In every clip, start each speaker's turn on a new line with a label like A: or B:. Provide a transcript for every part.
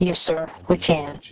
A: Yes, sir, we can.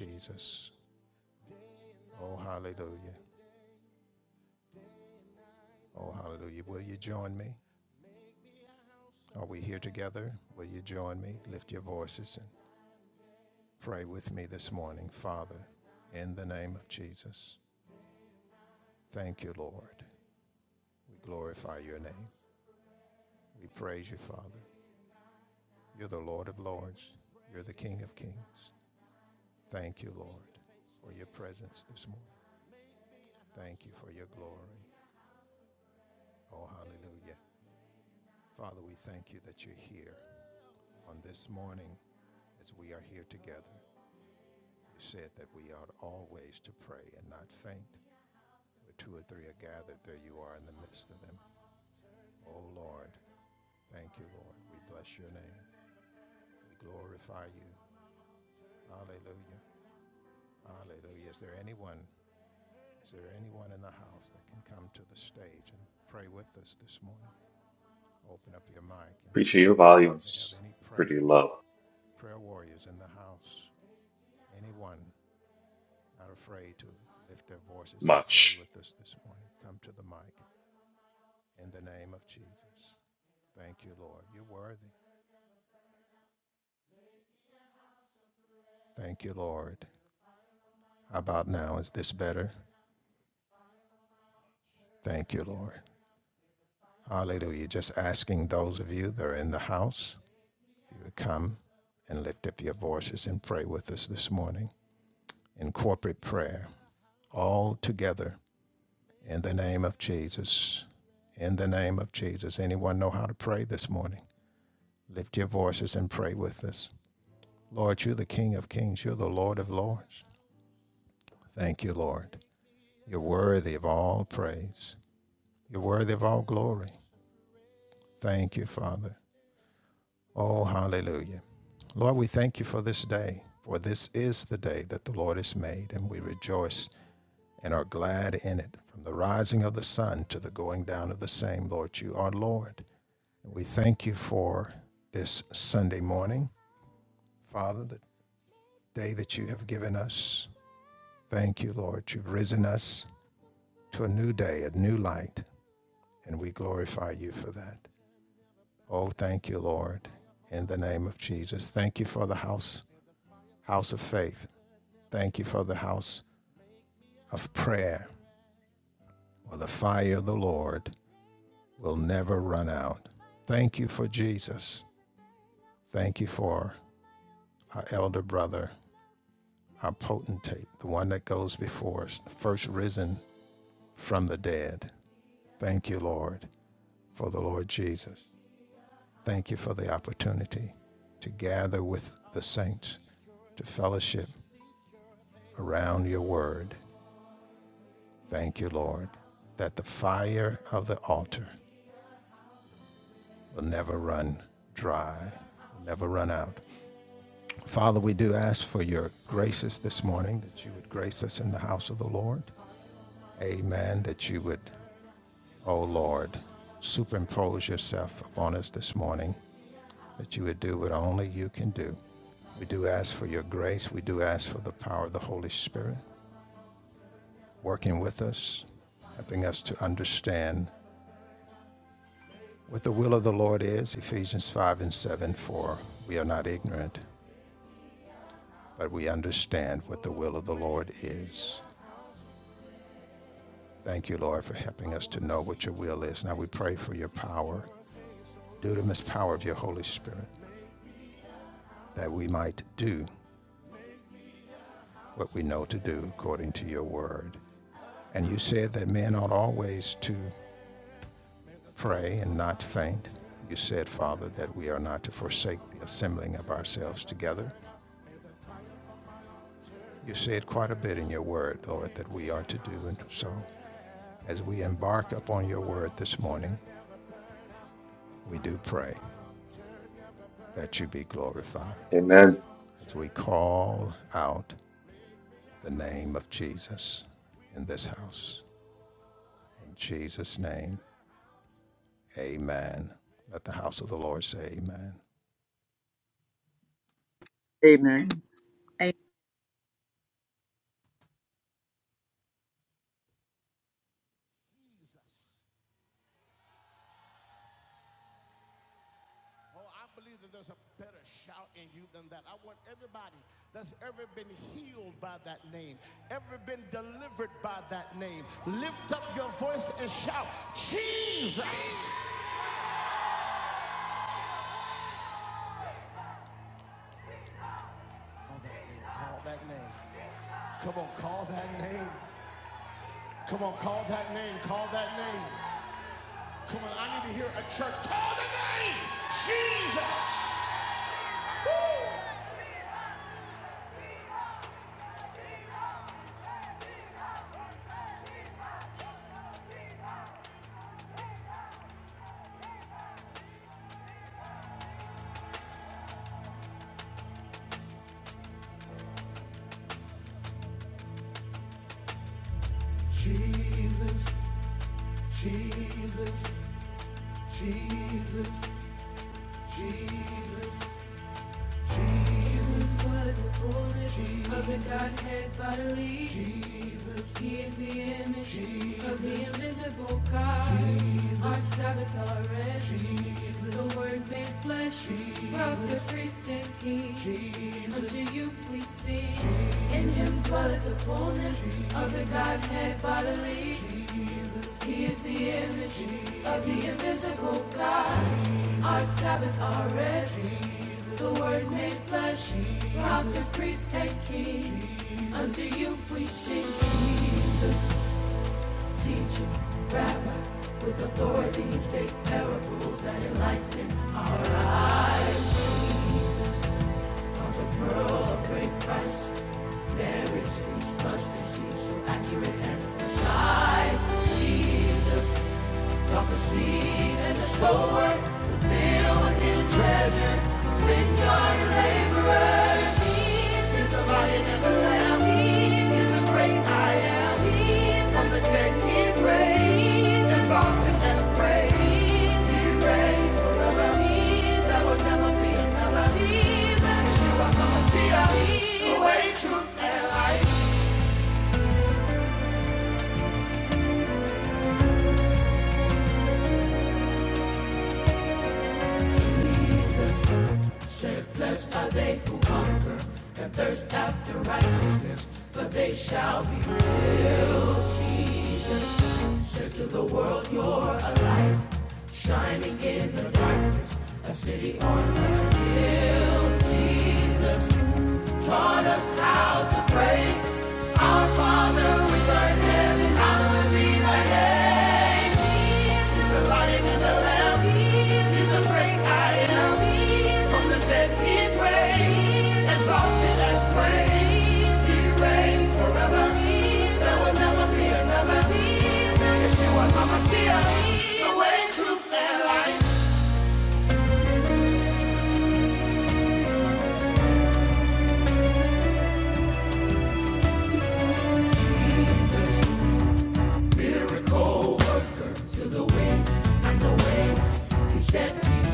B: Preacher, your volume's pretty low. Much. Amen.
C: Amen.
D: Jesus, Jesus, Jesus, Jesus, Jesus. Jesus the fullness of the Godhead bodily. He is the image of the invisible God. Our Sabbath, our rest. The Word made flesh, prophet, priest, and king. Unto you we sing. In Him dwelleth the fullness of the Godhead bodily. He is the image of the invisible God. Our self seed and the sower, the field within a treasure, vineyard and laborers. He's the lion and the lamb. He's the great I am. From the dead he is raised. Exalted and praised. He's praised forever. There will never be another. Yeshua HaMashiach, the way, truth, and life. Jesus taught us how to pray. Our Father, which art in heaven, hallowed be thy name. Jesus, the lion and the lamb. Jesus, the great I am. Jesus, from the dead he is raised. exalted and praised. he reigns forever. Jesus, there will never be another. Jesus, Yeshua, Mama, the way, truth, and life. And the ways he set these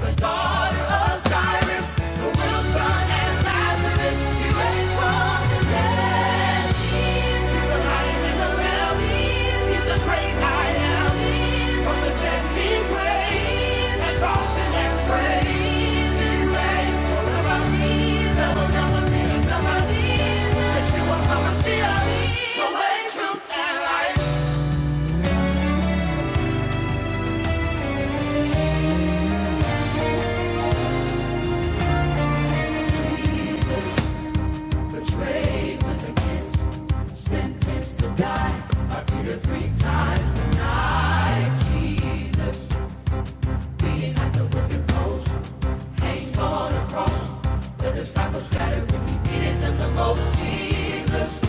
D: The daughter of Jairus, the widow's son and Lazarus, he raised from the dead. He's the light and the lamb. He's the great I am. From the dead he's raised, exalted and praised. He's raised forever. There never be another. Yeshua HaMashiach, the way, truth, and life. He's betrayed with a kiss, sentenced to die. I beat her three times. Jesus, Jesus at the The the post, hangs on a cross. The disciples scattered when he needed them the most. Jesus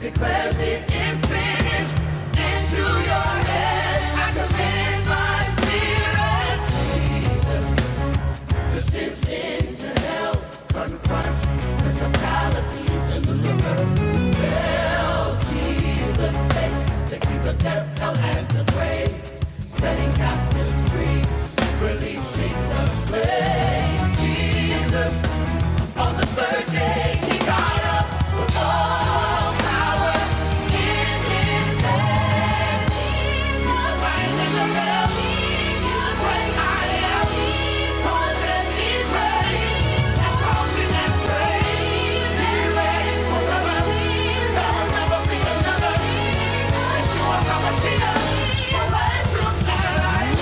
D: Declares it is finished. Into your hands I commit my spirit. Jesus Decisions to help confront principalities and Lucifer. Hell, Jesus takes the keys of death, hell, and the grave, setting captives free, releasing the slaves. Jesus, on the third day, he got up with all Another, but you are not a sinner. You're a true light.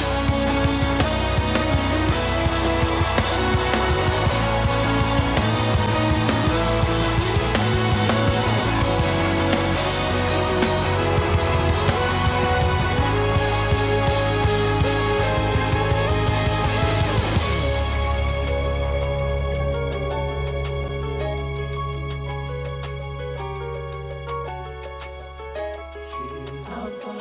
D: Alpha,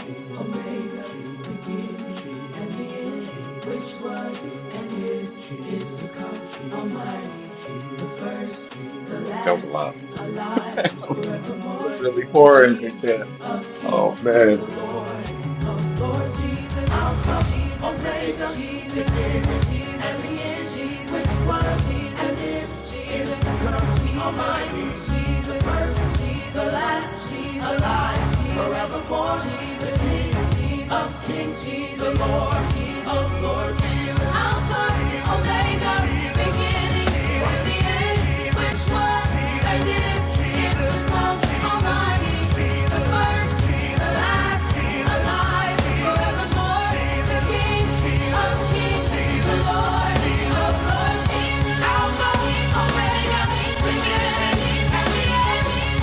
D: Omega, beginning and the end, which was and is, is to come, Almighty, the first, the
B: That was a
D: last,
B: lot.
D: alive,
B: That
D: forevermore,
B: was really
D: the
B: boring
D: King
B: right there.
D: of
B: Oh,
D: kings,
B: Man,
D: the Lord of lords. Jesus, I'll Alpha, Jesus, Omega, Jesus, Beginner, Jesus, and the end, Jesus, which was, Jesus, and is, Jesus, is to come, Jesus, Jesus, the first, Jesus, the last, Jesus, alive, Jesus, forevermore, Jesus, King, Jesus, of kings, Jesus, Lord, Jesus. Alpha, Omega, beginning and the end, which was and is, is Almighty, the first, the last, alive forevermore, the King of kings, the Lord of lords. Alpha, Omega, beginning and the end,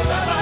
D: Thank you.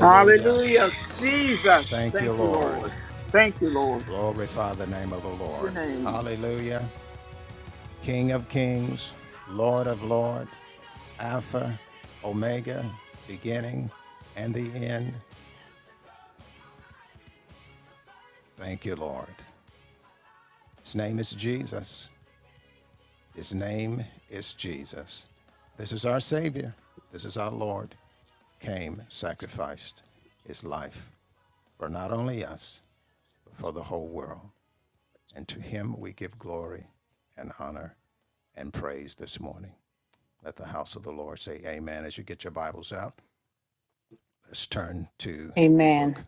C: Hallelujah. Jesus. Thank you, Lord. Thank you, Lord. Your name.
A: Amen.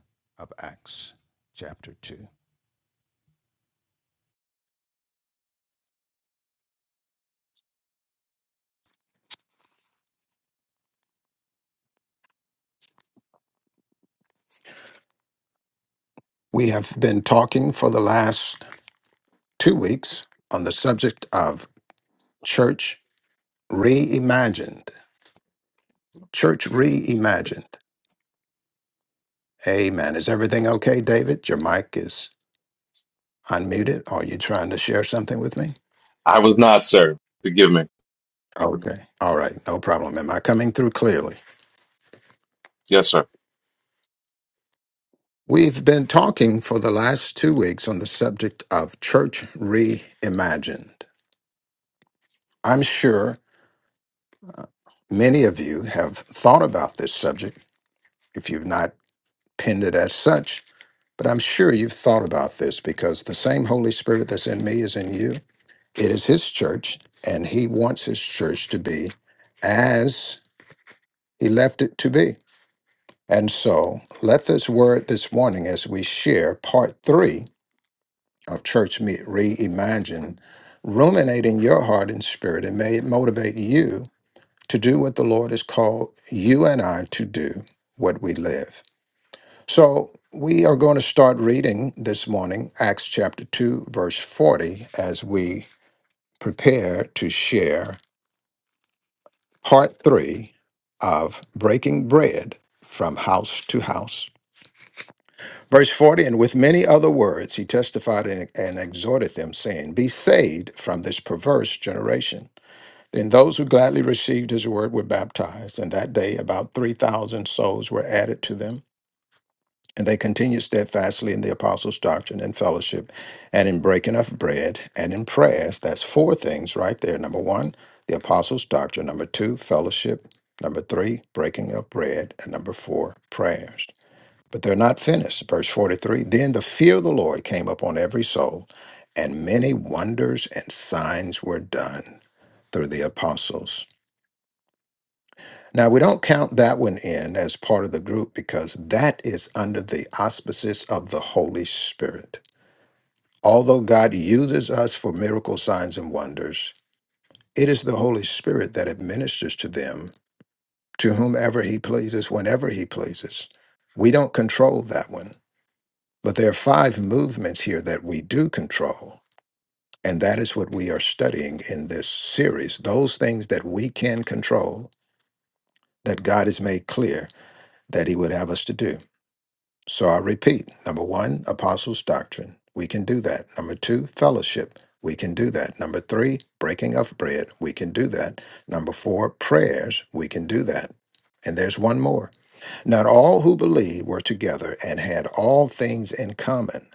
E: We have been talking for the last two weeks on the subject of church reimagined. Church reimagined. Amen. Is everything okay, David? Your mic is unmuted. Are you trying to share something with me?
B: I was not, sir. Forgive me.
E: Okay. All right. No problem. Am I coming through clearly?
B: Yes, sir.
E: We've been talking for the last two weeks on the subject of church reimagined. I'm sure many of you have thought about this subject. If you've not pinned it as such, But I'm sure you've thought about this because the same Holy Spirit that's in me is in you. It is His church, and He wants His church to be as He left it to be. And so let this word this morning, as we share part three of Church Meet Reimagine, ruminate in your heart and spirit, and may it motivate you to do what the Lord has called you and I to do, what we live. So we are going to start reading this morning Acts chapter 2, verse 40, as we prepare to share part three of Breaking Bread from House to House. Verse 40, and with many other words, he testified and, and exhorted them, saying, Be saved from this perverse generation. Then those who gladly received his word were baptized, and that day about 3,000 souls were added to them. And they continued steadfastly in the apostles' doctrine and fellowship, and in breaking of bread and in prayers. That's four things right there. Number one, the apostles' doctrine. Number two, fellowship. Number three, breaking of bread. And number four, prayers. But they're not finished. Verse 43 Then the fear of the Lord came upon every soul, and many wonders and signs were done through the apostles. Now, we don't count that one in as part of the group because that is under the auspices of the Holy Spirit. Although God uses us for miracle signs and wonders, it is the Holy Spirit that administers to them to whomever he pleases, whenever he pleases. We don't control that one. But there are five movements here that we do control. And that is what we are studying in this series. Those things that we can control that God has made clear that he would have us to do. So I repeat number one, apostles' doctrine. We can do that. Number two, fellowship. We can do that. Number three, breaking of bread. We can do that. Number four, prayers. We can do that. And there's one more. Not all who believed were together and had all things in common,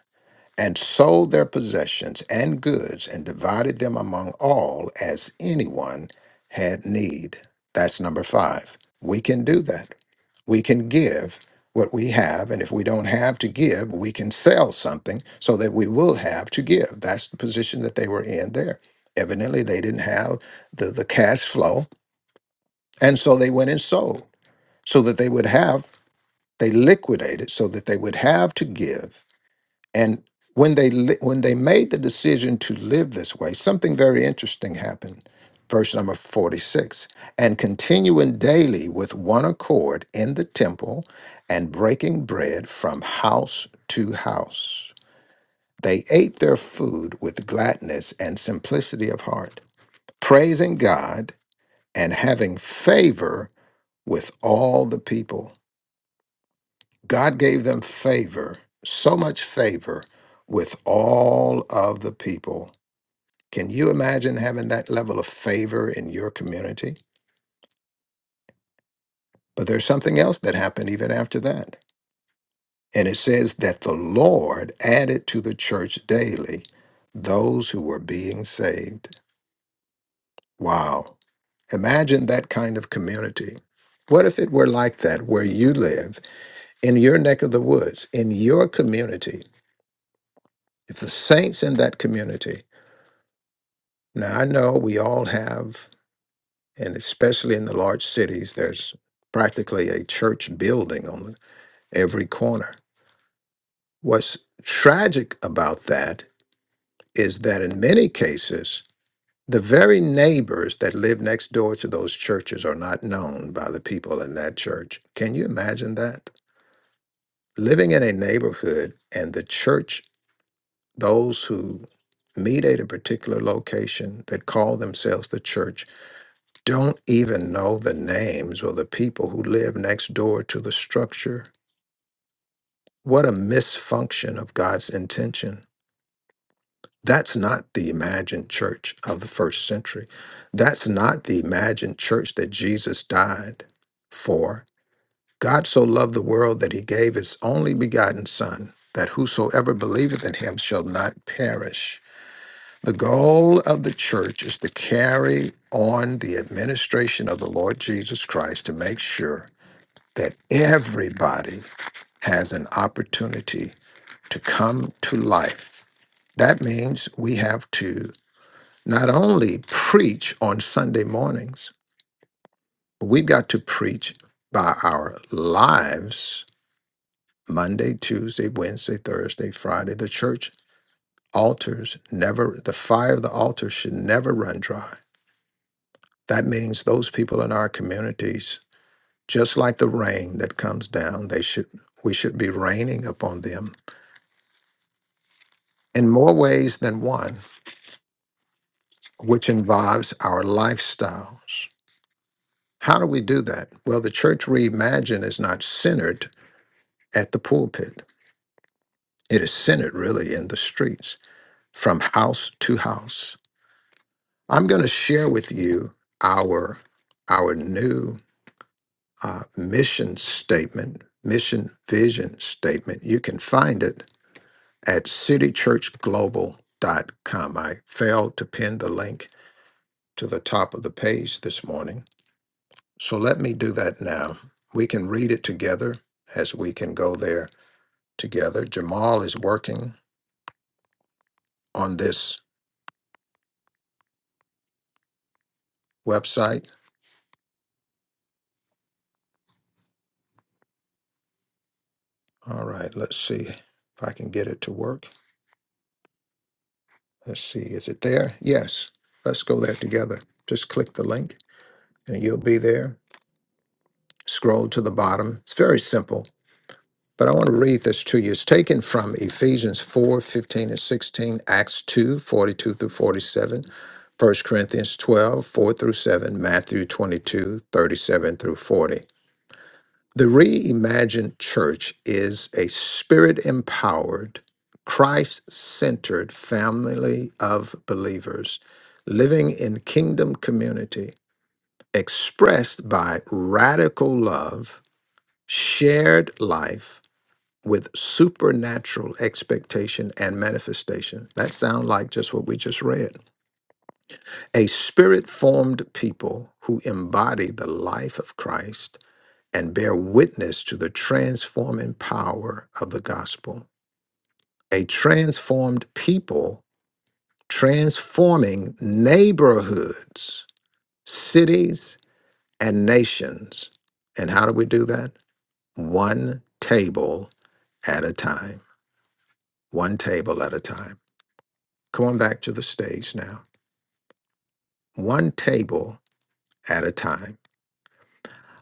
E: and sold their possessions and goods and divided them among all as anyone had need. That's number five. We can do that we can give what we have and if we don't have to give we can sell something so that we will have to give that's the position that they were in there evidently they didn't have the, the cash flow and so they went and sold so that they would have they liquidated so that they would have to give and when they li- when they made the decision to live this way, something very interesting happened. Verse number 46 and continuing daily with one accord in the temple and breaking bread from house to house. They ate their food with gladness and simplicity of heart, praising God and having favor with all the people. God gave them favor, so much favor with all of the people. Can you imagine having that level of favor in your community? But there's something else that happened even after that. And it says that the Lord added to the church daily those who were being saved. Wow. Imagine that kind of community. What if it were like that where you live, in your neck of the woods, in your community? If the saints in that community Now, I know we all have, and especially in the large cities, there's practically a church building on every corner. What's tragic about that is that in many cases, the very neighbors that live next door to those churches are not known by the people in that church. Can you imagine that? Living in a neighborhood and the church, those who meet at a particular location that call themselves the church, don't even know the names or the people who live next door to the structure. What a misfunction of God's intention. That's not the imagined church of the first century. That's not the imagined church that Jesus died for. God so loved the world that he gave his only begotten Son, that whosoever believeth in him shall not perish. The goal of the church is to carry on the administration of the Lord Jesus Christ to make sure that everybody has an opportunity to come to life. That means we have to not only preach on Sunday mornings, but we've got to preach by our lives Monday, Tuesday, Wednesday, Thursday, Friday. The church altars never, the fire of the altar should never run dry. That means those people in our communities, just like the rain that comes down, they should we should be raining upon them in more ways than one, which involves our lifestyles. How do we do that? Well, the church reimagined is not centered at the pulpit, it is centered really in the streets, from house to house. I'm going to share with you our, our new uh, mission statement, mission vision statement. You can find it at citychurchglobal.com. I failed to pin the link to the top of the page this morning So let me do that now. We can read it together as we can go there together. Jamal is working on this website. All right, let's see if I can get it to work. Let's see, is it there? Yes, let's go there together. Just click the link and you'll be there. Scroll to the bottom. It's very simple But I want to read this to you. It's taken from Ephesians four fifteen and 16, Acts 2 42 through 47, First Corinthians 12 4 through 7, Matthew 22 37 through 40. The reimagined church is a spirit empowered, Christ centered family of believers living in kingdom community expressed by radical love, shared life with supernatural expectation and manifestation. That sounds like just what we just read. A spirit formed people who embody the life of Christ and bear witness to the transforming power of the gospel. A transformed people transforming neighborhoods, cities, and nations. And how do we do that? One table at a time. One table at a time. Come on back to the stage now. One table at a time.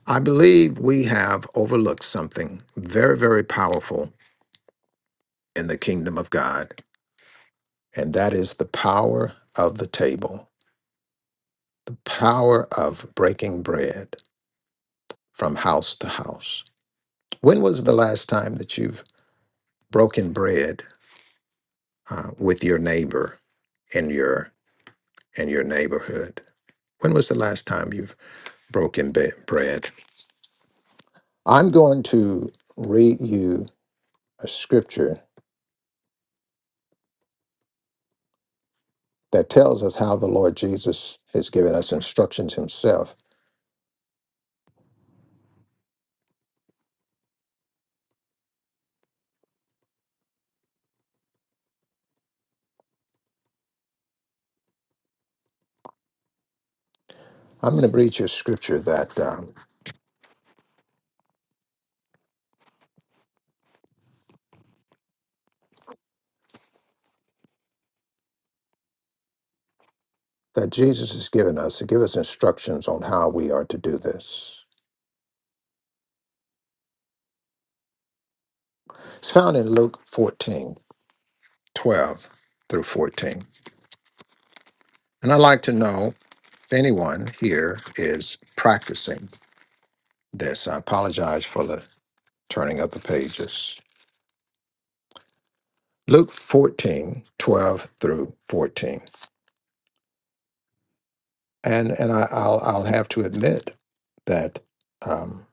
E: I believe we have overlooked something very, very powerful in the kingdom of God, and that is the power of the table, the power of breaking bread from house to house. When was the last time that you've broken bread uh, with your neighbor in your in your neighborhood? When was the last time you've broken be- bread? I'm going to read you a scripture that tells us how the Lord Jesus has given us instructions himself. I'm going to read you a scripture that um, that Jesus has given us to give us instructions on how we are to do this. It's found in Luke 14:12 through 14. And I'd like to know if anyone here is practicing this. I apologize for the turning of the pages. Luke 14:12 through 14. and and I, I'll I'll have to admit that um,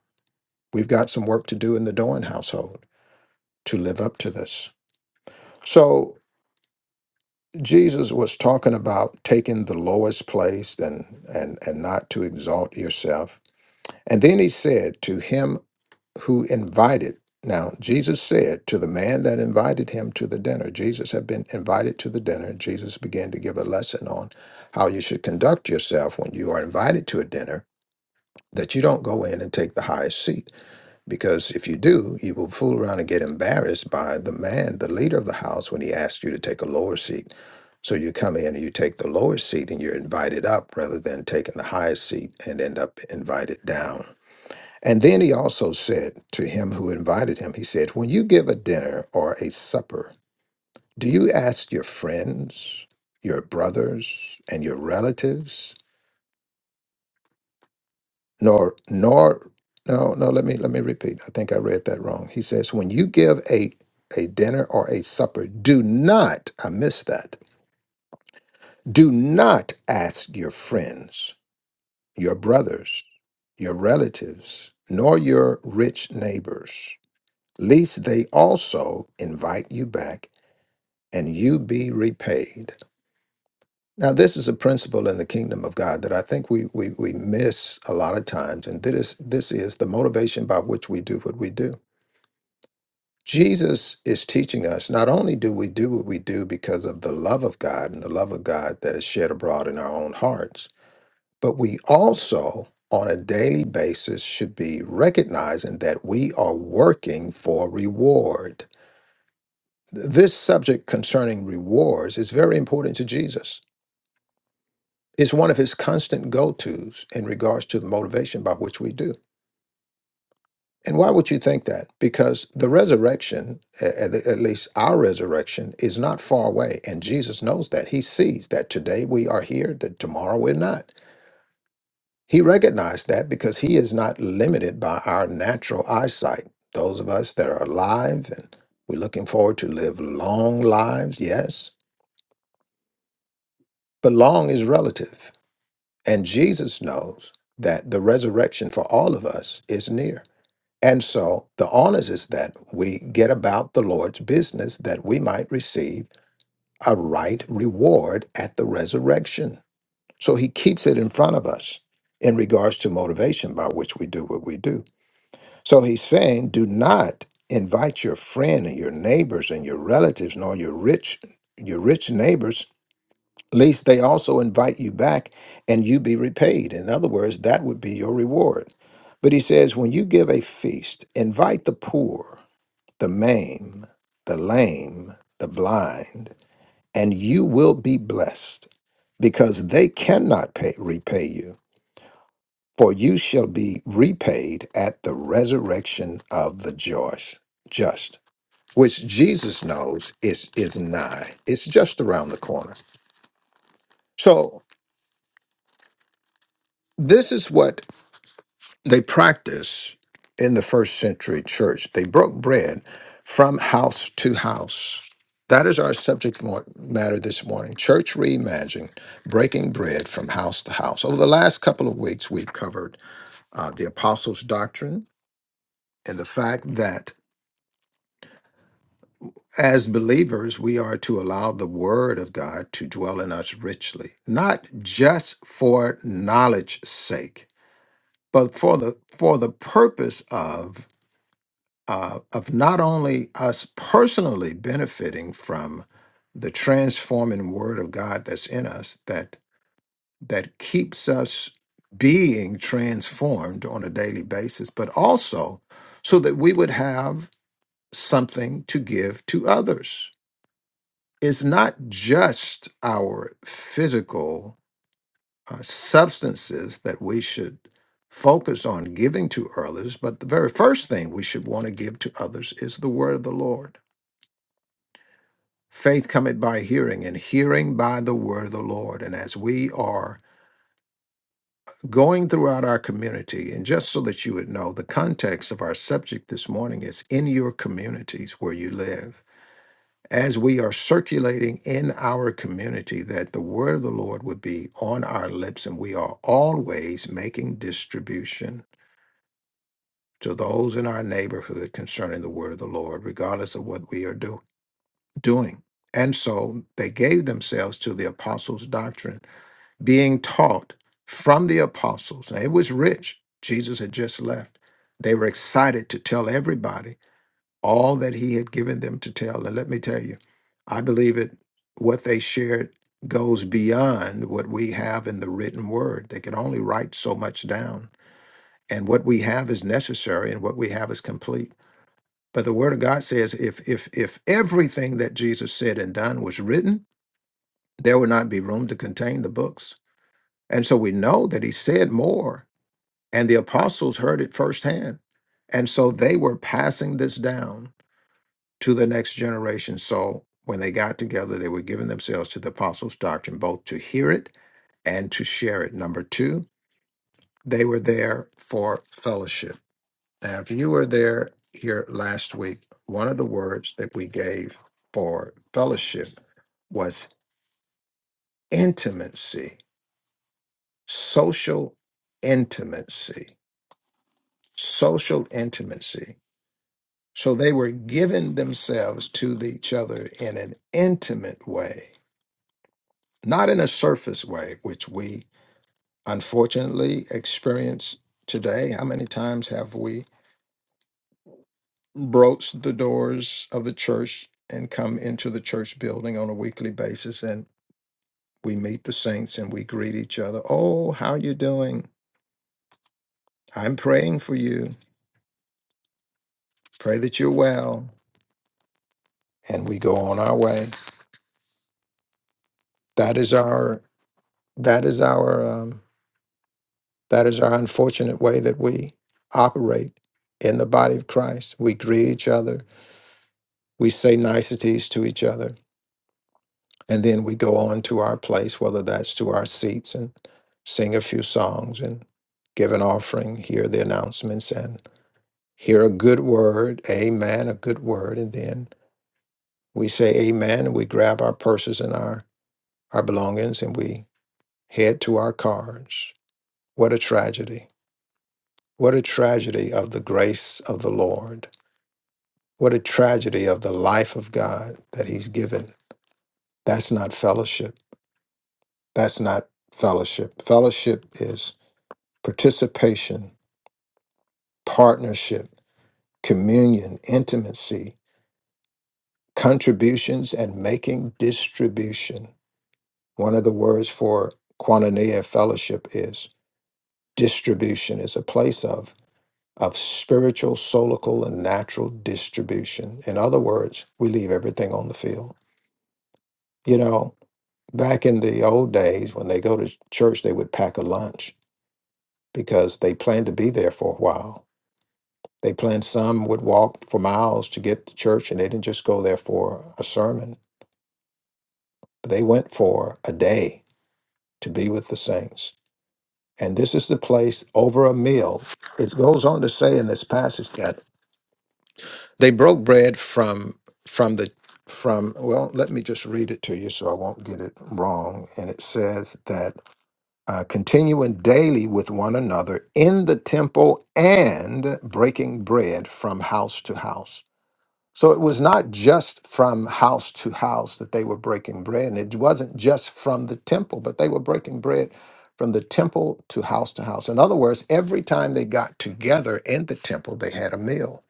E: we've got some work to do in the Doan household to live up to this. So Jesus was talking about taking the lowest place and and and not to exalt yourself. And then he said to him who invited. Now Jesus said to the man that invited him to the dinner. Jesus had been invited to the dinner. Jesus began to give a lesson on how you should conduct yourself when you are invited to a dinner that you don't go in and take the highest seat because if you do, you will fool around and get embarrassed by the man, the leader of the house, when he asks you to take a lower seat. So you come in and you take the lower seat and you're invited up rather than taking the highest seat and end up invited down. And then he also said to him who invited him, he said, When you give a dinner or a supper, do you ask your friends, your brothers, and your relatives? nor nor no no let me let me repeat i think i read that wrong he says when you give a a dinner or a supper do not i missed that do not ask your friends your brothers your relatives nor your rich neighbors lest they also invite you back and you be repaid now this is a principle in the kingdom of god that i think we we, we miss a lot of times and this this is the motivation by which we do what we do Jesus is teaching us not only do we do what we do because of the love of God and the love of God that is shed abroad in our own hearts, but we also, on a daily basis, should be recognizing that we are working for reward. Th- This subject concerning rewards is very important to Jesus. It's one of his constant go tos in regards to the motivation by which we do. And why would you think that? Because the resurrection, a- at, at least our resurrection, is not far away. And Jesus knows that. He sees that today we are here, that tomorrow we're not. He recognized that because he is not limited by our natural eyesight. Those of us that are alive and we're looking forward to live long lives, yes, but long is relative. And Jesus knows that the resurrection for all of us is near. And so the onus is that we get about the Lord's business that we might receive a right reward at the resurrection. So he keeps it in front of us in regards to motivation by which we do what we do. So he's saying, do not invite your friend and your neighbors and your relatives nor your rich your rich neighbors lest they also invite you back and you be repaid in other words that would be your reward but he says when you give a feast invite the poor the maimed, the lame, the blind, and you will be blessed because they cannot pay, repay you, for you shall be repaid at the resurrection of the joys, just, which Jesus knows is, is nigh. It's just around the corner. So this is what they practiced in the first century church. They broke bread from house to house. That is our subject mo- matter this morning church reimagined, breaking bread from house to house. Over the last couple of weeks, we've covered uh, the apostles' doctrine and the fact that as believers, we are to allow the word of God to dwell in us richly, not just for knowledge's sake, but for the, for the purpose of uh, of not only us personally benefiting from the transforming word of God that's in us that that keeps us being transformed on a daily basis, but also so that we would have something to give to others. It's not just our physical uh, substances that we should focus on giving to others, but the very first thing we should want to give to others is the word of the Lord Faith cometh by hearing, and hearing by the word of the Lord. And as we are going throughout our community, and just so that you would know, the context of our subject this morning is in your communities where you live. As we are circulating in our community, that the word of the Lord would be on our lips, and we are always making distribution to those in our neighborhood concerning the word of the Lord, regardless of what we are do- doing. And so they gave themselves to the apostles' doctrine being taught from the apostles. Now, it was rich. Jesus had just left. They were excited to tell everybody all that he had given them to tell. And let me tell you, I believe it, what they shared goes beyond what we have in the written word. They could only write so much down. And what we have is necessary and what we have is complete. But the word of God says if if if everything that Jesus said and done was written, there would not be room to contain the books. And so we know that he said more, and the apostles heard it firsthand. And so they were passing this down to the next generation. So when they got together, they were giving themselves to the apostles' doctrine, both to hear it and to share it. Number two, they were there for fellowship. Now, if you were there here last week, one of the words that we gave for fellowship was intimacy, social intimacy social intimacy. So they were giving themselves to the- each other in an intimate way, not in a surface way, which we unfortunately experience today. How many times have we broached the doors of the church and come into the church building on a weekly basis and we meet the saints and we greet each other. Oh, how are you doing? I'm praying for you. Pray that you're well. And we go on our way. That is our that is our um, that is our unfortunate way that we operate in the body of Christ. We greet each other, we say niceties to each other, and then we go on to our place, whether that's to our seats and sing a few songs and give an offering, hear the announcements and hear a good word, amen, a good word, and then we say amen and we grab our purses and our our belongings and we head to our cars. What a tragedy What a tragedy of the grace of the Lord. What a tragedy of the life of God that He's given. That's not fellowship. That's not fellowship. Fellowship is participation, partnership, communion, intimacy, contributions, and making distribution. One of the words for koinonia fellowship is distribution, is a place of of spiritual, solical, and natural distribution. In other words, we leave everything on the field. You know, back in the old days, when they go to church, they would pack a lunch because they planned to be there for a while. They planned some would walk for miles to get to church, and they didn't just go there for a sermon, but they went for a day to be with the saints. And this is the place over a meal. It goes on to say in this passage that they broke bread from from the from well, let me just read it to you so I won't get it wrong. And it says that uh, continuing daily with one another in the temple and breaking bread from house to house. So it was not just from house to house that they were breaking bread, and it wasn't just from the temple, but they were breaking bread from the temple to house to house. In other words, every time they got together in the temple, they had a meal.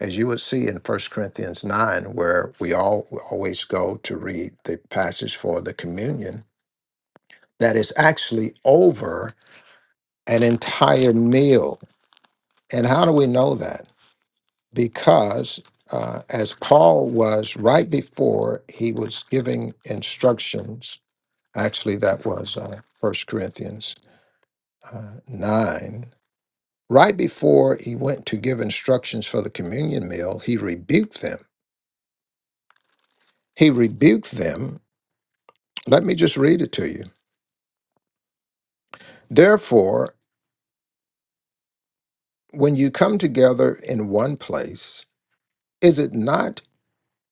E: As you would see in First Corinthians 9, where we all always go to read the passage for the communion, that is actually over an entire meal. And how do we know that? Because uh, as Paul was right before he was giving instructions, actually, that was uh, 1 Corinthians uh, 9, right before he went to give instructions for the communion meal, he rebuked them. He rebuked them. Let me just read it to you. Therefore, when you come together in one place, is it not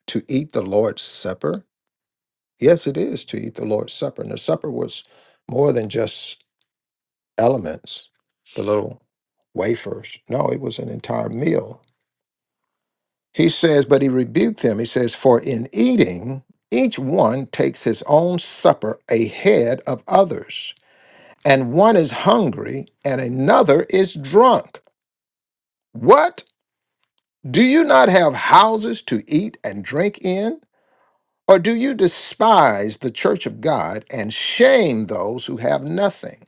E: to eat the Lord's Supper? Yes, it is to eat the Lord's Supper. And the supper was more than just elements, the little wafers. No, it was an entire meal. He says, but he rebuked them. He says, For in eating, each one takes his own supper ahead of others, and one is hungry and another is drunk. What? Do you not have houses to eat and drink in? Or do you despise the church of God and shame those who have nothing?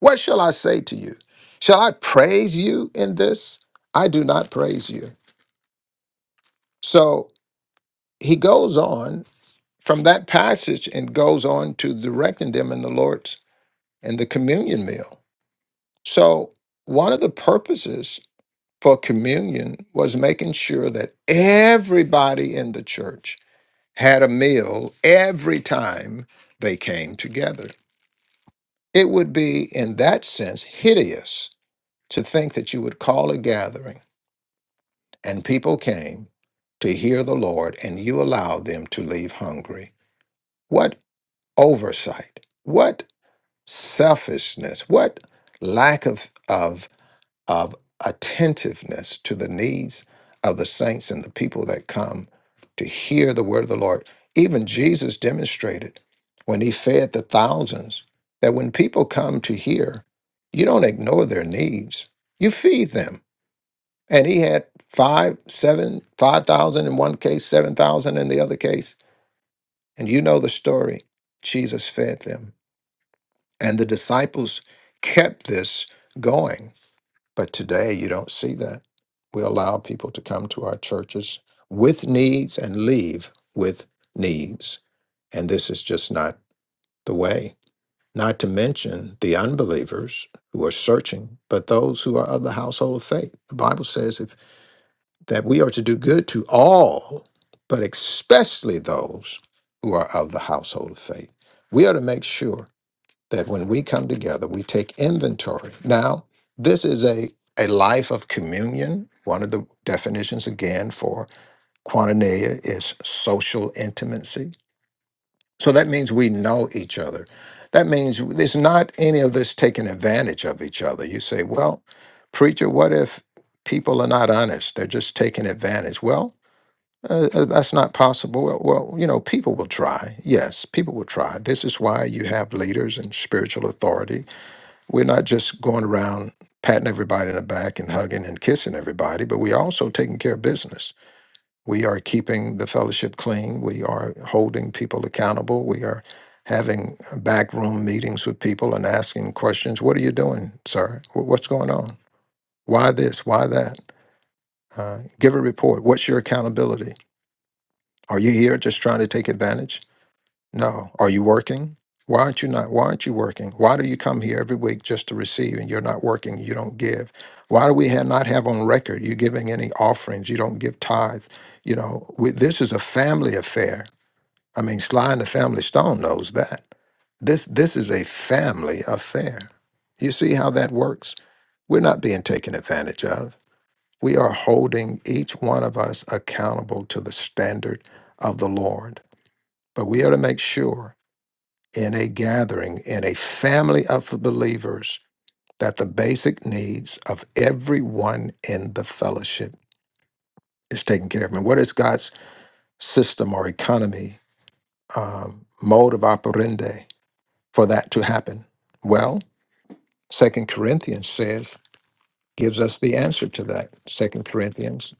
E: What shall I say to you? Shall I praise you in this? I do not praise you. So he goes on from that passage and goes on to directing them in the Lord's and the communion meal. So one of the purposes for communion was making sure that everybody in the church had a meal every time they came together. It would be, in that sense, hideous to think that you would call a gathering and people came to hear the Lord, and you allowed them to leave hungry. What oversight, what selfishness, what lack of, of, of attentiveness to the needs of the saints and the people that come to hear the word of the Lord. Even Jesus demonstrated when he fed the thousands that when people come to hear, you don't ignore their needs, you feed them and he had five, seven, five thousand in one case, seven thousand in the other case. And you know the story. Jesus fed them, and the disciples kept this going. But today you don't see that. We allow people to come to our churches with needs and leave with needs. And this is just not the way. Not to mention the unbelievers who are searching, but those who are of the household of faith. The Bible says if that we are to do good to all, but especially those who are of the household of faith. We are to make sure that when we come together, we take inventory. Now, this is a, a life of communion. One of the definitions, again, for quaternaria is social intimacy. So that means we know each other. That means there's not any of this taking advantage of each other. You say, well, preacher, what if people are not honest? They're just taking advantage. Well, uh, uh, that's not possible. Well, well, you know, people will try. Yes, people will try. This is why you have leaders and spiritual authority. We're not just going around patting everybody in the back and hugging and kissing everybody, but we also taking care of business. We are keeping the fellowship clean. We are holding people accountable. We are having backroom meetings with people and asking questions. What are you doing, sir? Wh- What's going on? Why this? Why that? Uh, give a report. What's your accountability? Are you here just trying to take advantage? No. Are you working? Why aren't you not? Why aren't you working? Why do you come here every week just to receive and you're not working? You don't give. Why do we have not have on record you giving any offerings? You don't give tithe. You know, we, this is a family affair. I mean, Sly and the Family Stone knows that. This this is a family affair. You see how that works? We're not being taken advantage of. We are holding each one of us accountable to the standard of the Lord. But we are to make sure in a gathering, in a family of believers, that the basic needs of everyone in the fellowship is taken care of. And what is God's system or economy, um, mode of operandi for that to happen? Well, Second Corinthians says, gives us the answer to that. Second Corinthians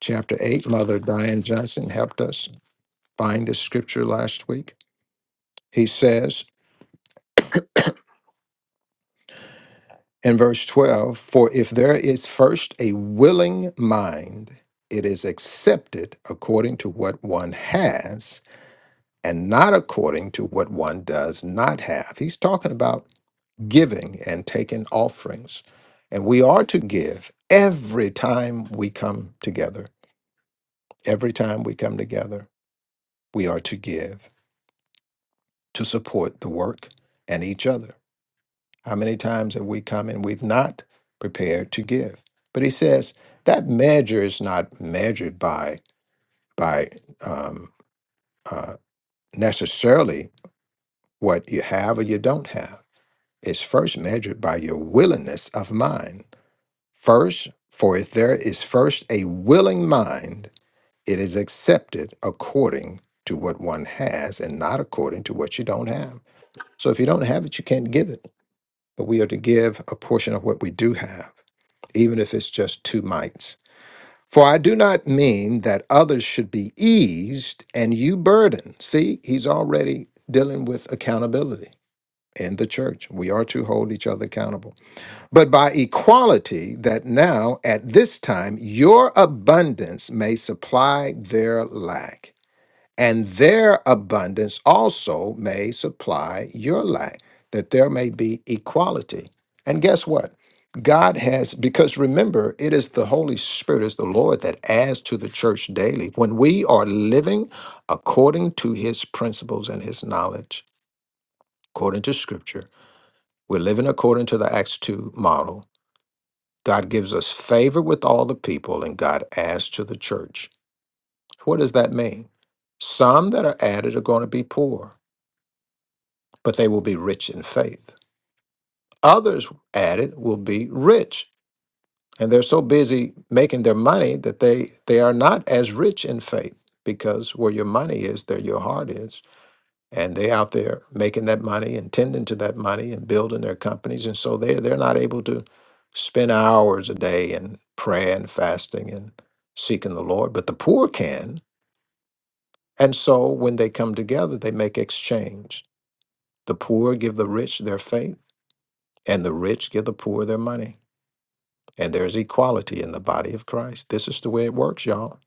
E: chapter 8, Mother Diane Johnson helped us find this scripture last week. He says, In verse 12 For if there is first a willing mind, it is accepted according to what one has and not according to what one does not have. He's talking about giving and taking offerings. And we are to give every time we come together. Every time we come together, we are to give to support the work and each other. How many times have we come and we've not prepared to give? But he says that measure is not measured by by um, uh, necessarily what you have or you don't have. It's first measured by your willingness of mind. First, for if there is first a willing mind, it is accepted according to what one has and not according to what you don't have. So if you don't have it, you can't give it. But we are to give a portion of what we do have. even if it's just two mites. For I do not mean that others should be eased and you burden. See, he's already dealing with accountability in the church. We are to hold each other accountable. But by equality, that now at this time your abundance may supply their lack and their abundance also may supply your lack, that there may be equality. And guess what? God has, because remember, it is the Holy Spirit, is the Lord that adds to the church daily. When we are living according to his principles and his knowledge, according to scripture, we're living according to the Acts 2 model. God gives us favor with all the people, and God adds to the church. What does that mean? Some that are added are going to be poor but they will be rich in faith. Others added will be rich, and they're so busy making their money that they they are not as rich in faith because where your money is, there your heart is, and they out there making that money and tending to that money and building their companies, and so they they're not able to spend hours a day in prayer and fasting and seeking the Lord, but the poor can. And so when they come together, they make exchange. The poor give the rich their faith and the rich give the poor their money. And there's equality in the body of Christ. This is the way it works, y'all.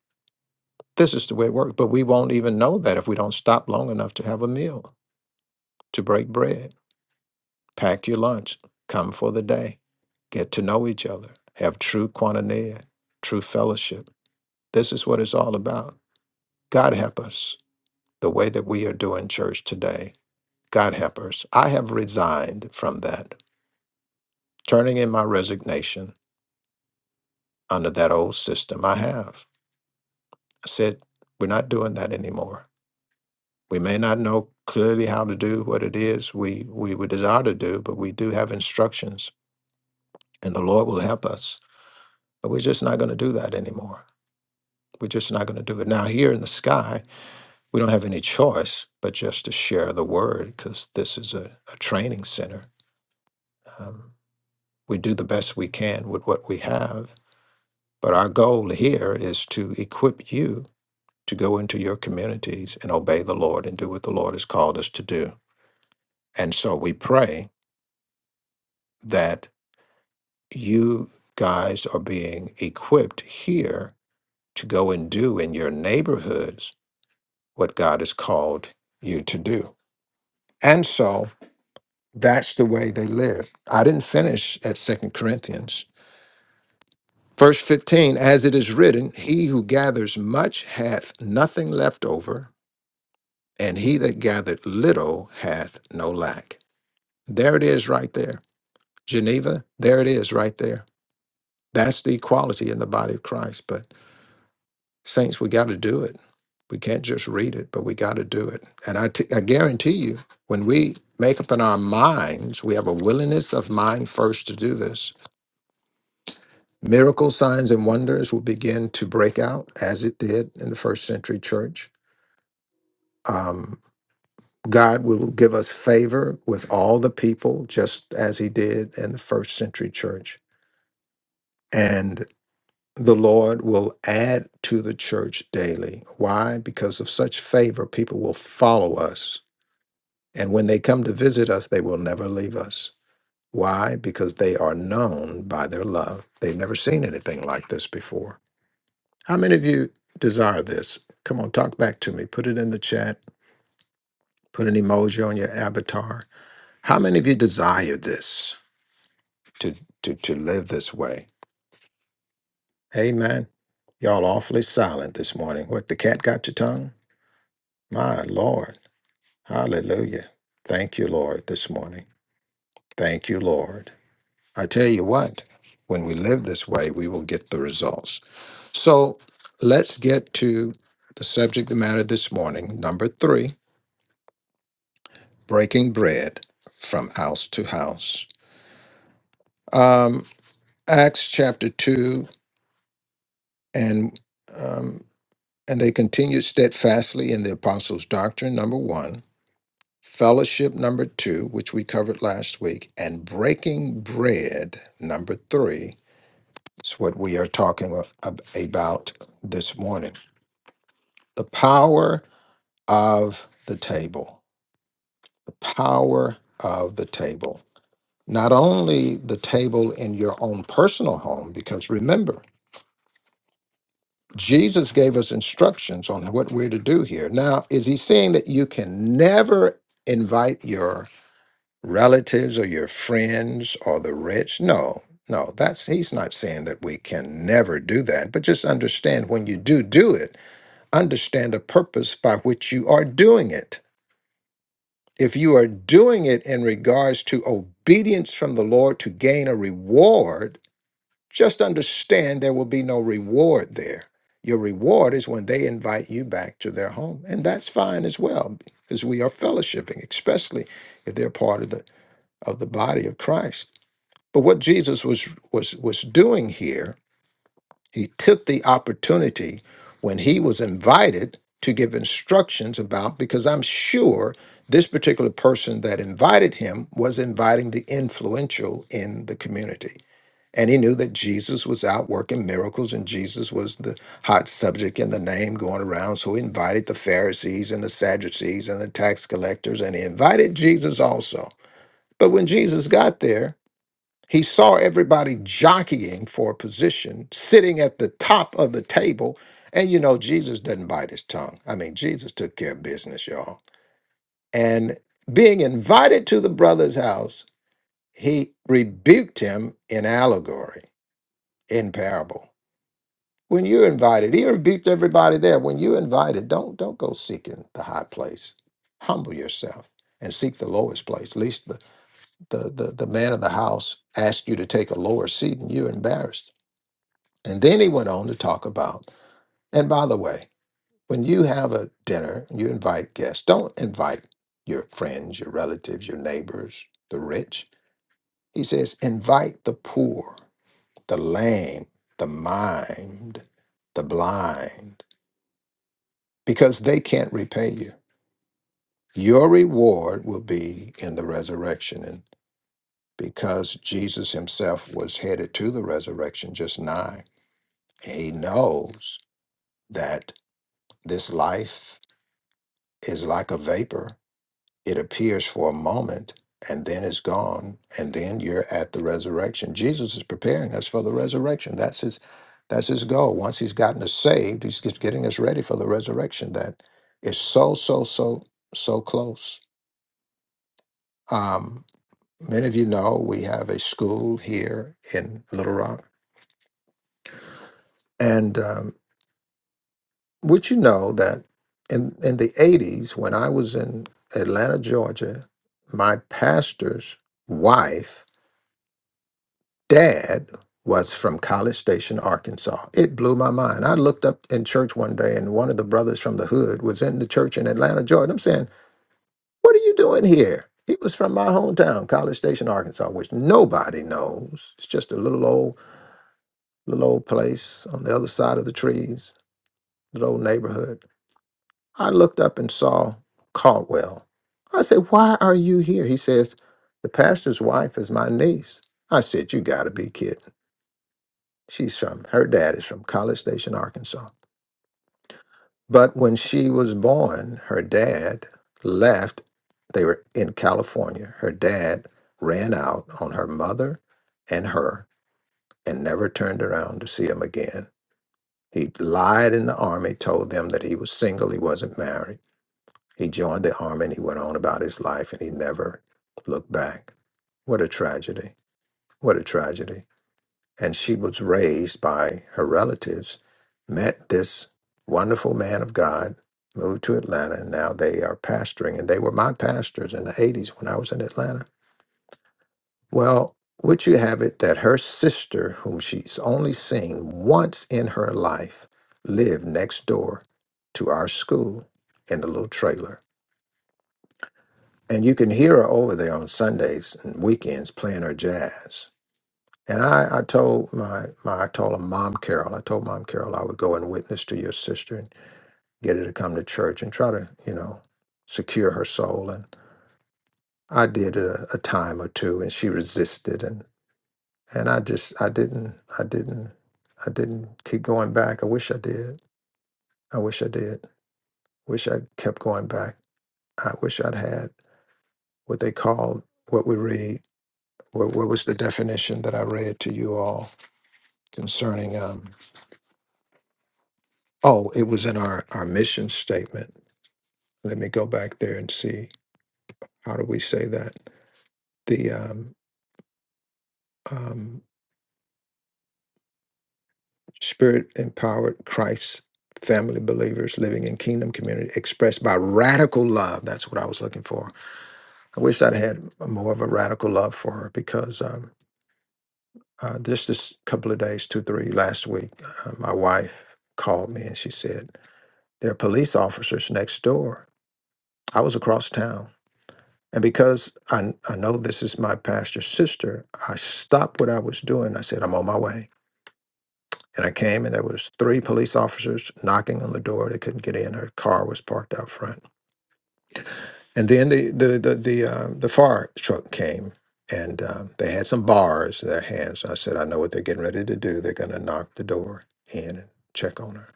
E: This is the way it works. But we won't even know that if we don't stop long enough to have a meal, to break bread, pack your lunch, come for the day, get to know each other, have true koinonia, true fellowship. This is what it's all about. God help us the way that we are doing church today. God help us. I have resigned from that, turning in my resignation under that old system I have. I said, we're not doing that anymore. We may not know clearly how to do what it is we, we would desire to do, but we do have instructions and the Lord will help us. But we're just not going to do that anymore. We're just not going to do it. Now, here in the sky, we don't have any choice but just to share the word because this is a, a training center. Um, we do the best we can with what we have. But our goal here is to equip you to go into your communities and obey the Lord and do what the Lord has called us to do. And so we pray that you guys are being equipped here to go and do in your neighborhoods what God has called you to do. And so that's the way they live. I didn't finish at Second Corinthians. Verse 15, as it is written, he who gathers much hath nothing left over, and he that gathered little hath no lack. There it is right there. Geneva, there it is right there That's the equality in the body of Christ. But saints, we got to do it. We can't just read it, but we got to do it. And I t- I guarantee you, when we make up in our minds, we have a willingness of mind first to do this. Miracle signs and wonders will begin to break out as it did in the first century church. Um, God will give us favor with all the people, just as He did in the first century church. the Lord will add to the church daily. Why? Because of such favor, people will follow us. And when they come to visit us, they will never leave us. Why? Because they are known by their love. They've never seen anything like this before. How many of you desire this? Come on, talk back to me. Put it in the chat. Put an emoji on your avatar. How many of you desire this to, to, to live this way? Amen. Y'all awfully silent this morning. What, the cat got your tongue? My Lord. Hallelujah. Thank you, Lord, this morning. Thank you, Lord. I tell you what, when we live this way, we will get the results. So let's get to the subject of matter this morning. Number three, breaking bread from house to house. Um, Acts chapter two and um, and they continued steadfastly in the apostles' doctrine, number one, fellowship number two, which we covered last week, and breaking bread number three is what we are talking of, ab- about this morning. The power of the table. The power of the table. Not only the table in your own personal home, because remember, Jesus gave us instructions on what we're to do here. Now, is he saying that you can never invite your relatives or your friends or the rich. No, no, that's he's not saying that we can never do that, but just understand when you do do it, understand the purpose by which you are doing it. If you are doing it in regards to obedience from the Lord to gain a reward, just understand there will be no reward there. Your reward is when they invite you back to their home, and that's fine as well because we are fellowshipping, especially if they're part of the of the body of Christ. But what Jesus was was was doing here, he took the opportunity when he was invited to give instructions about because I'm sure this particular person that invited him was inviting the influential in the community. And he knew that Jesus was out working miracles and Jesus was the hot subject and the name going around. So he invited the Pharisees and the Sadducees and the tax collectors and he invited Jesus also. But when Jesus got there, he saw everybody jockeying for a position, sitting at the top of the table. And you know, Jesus doesn't bite his tongue. I mean, Jesus took care of business, y'all. And being invited to the brother's house, he rebuked him in allegory, in parable. When you're invited, he rebuked everybody there. When you're invited, don't don't go seeking the high place. Humble yourself and seek the lowest place. At least the the the, the man of the house asked you to take a lower seat and you're embarrassed And then he went on to talk about, and by the way, when you have a dinner, you invite guests, don't invite your friends, your relatives, your neighbors, the rich. He says, invite the poor, the lame, the maimed, the blind, because they can't repay you. Your reward will be in the resurrection. And because Jesus himself was headed to the resurrection just nigh, he knows that this life is like a vapor. It appears for a moment and then is gone, and then you're at the resurrection. Jesus is preparing us for the resurrection. That's his that's his goal. Once he's gotten us saved, he's just getting us ready for the resurrection that is so, so, so, so close. Um, many of you know we have a school here in Little Rock, and um, Would you know that in, in the 80s, when I was in Atlanta, Georgia, my pastor's wife, dad, was from College Station, Arkansas. It blew my mind. I looked up in church one day and one of the brothers from the hood was in the church in Atlanta, Georgia. I'm saying, What are you doing here? He was from my hometown, College Station, Arkansas, which nobody knows. It's just a little old, little old place on the other side of the trees, little old neighborhood. I looked up and saw Caldwell. I said, Why are you here? He says, The pastor's wife is my niece. I said, You got to be kidding. She's from, her dad is from College Station, Arkansas. But when she was born, her dad left. They were in California. Her dad ran out on her mother and her and never turned around to see him again. He lied in the army, told them that he was single, he wasn't married. He joined the army and he went on about his life and he never looked back. What a tragedy. What a tragedy. And she was raised by her relatives, met this wonderful man of God, moved to Atlanta, and now they are pastoring. And they were my pastors in the 80s when I was in Atlanta. Well, would you have it that her sister, whom she's only seen once in her life, lived next door to our school in a little trailer? and you can hear her over there on Sundays and weekends playing her jazz. And I, I told my, my I told her mom Carol, I told mom Carol I would go and witness to your sister and get her to come to church and try to, you know, secure her soul. And I did a, a time or two and she resisted and, and I just I didn't I didn't I didn't keep going back. I wish I did. I wish I did. Wish I kept going back. I wish I'd had what they call what we read. What, what was the definition that I read to you all concerning? Um, oh, it was in our, our mission statement. Let me go back there and see how do we say that? The um, um, spirit empowered Christ family believers living in kingdom community expressed by radical love. That's what I was looking for. I wish I'd had more of a radical love for her because um, uh, just this couple of days, two, three, last week, uh, my wife called me and she said, There are police officers next door I was across town. And because I, I know this is my pastor's sister, I stopped what I was doing. I said, I'm on my way. And I came and there was three police officers knocking on the door. They couldn't get in. Her car was parked out front. And then the the the the, um, the fire truck came and um, they had some bars in their hands. I said, I know what they're getting ready to do. They're going to knock the door in and check on her.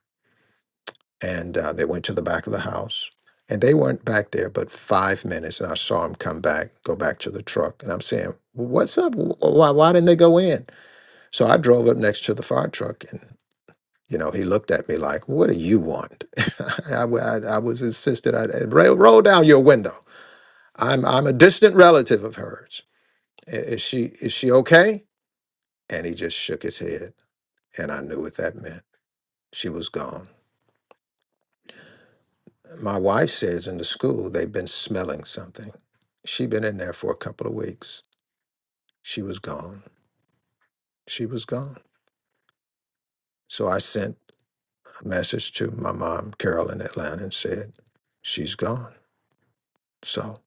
E: and uh, they went to the back of the house. And they weren't back there but five minutes, and I saw them come back, go back to the truck, and I'm saying, "Well, "What's up? Wh- Why, why didn't they go in?" So I drove up next to the fire truck, and you know, he looked at me like, "What do you want?" I, w- I- I was insistent. I "Hey, roll, roll down your window. I'm I'm a distant relative of hers. "I- Is she is she okay? And he just shook his head, and I knew what that meant. She was gone. My wife says in the school they've been smelling something. she been in there for a couple of weeks. She was gone. She was gone. So I sent a message to my mom, Carol, in Atlanta, and said, She's gone. So,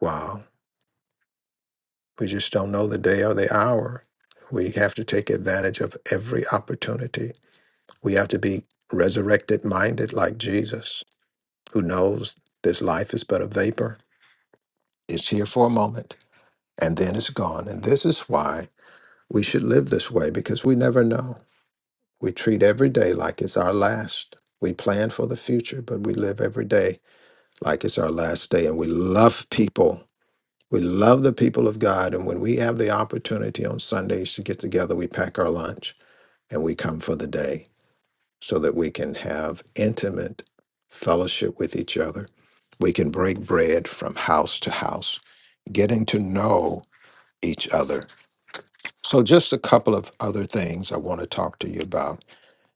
E: wow. We just don't know the day or the hour. We have to take advantage of every opportunity. We have to be resurrected minded like Jesus, who knows this life is but a vapor. It's here for a moment and then it's gone. And this is why We should live this way because we never know. We treat every day like it's our last. We plan for the future, but we live every day like it's our last day. And we love people. We love the people of God. And when we have the opportunity on Sundays to get together, we pack our lunch and we come for the day so that we can have intimate fellowship with each other. We can break bread from house to house, getting to know each other. So, just a couple of other things I want to talk to you about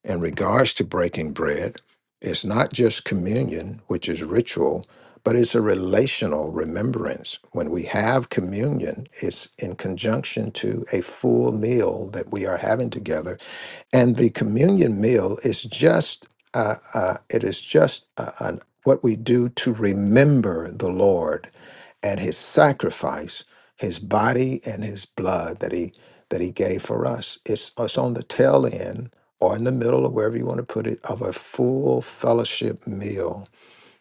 E: in regards to breaking bread, it's not just communion, which is ritual, but it's a relational remembrance. When we have communion, it's in conjunction to a full meal that we are having together, and the communion meal is just uh, uh, it is just uh, an, what we do to remember the Lord and His sacrifice, His body and His blood that He that He gave for us. It's, it's on the tail end or in the middle of wherever you want to put it, of a full fellowship meal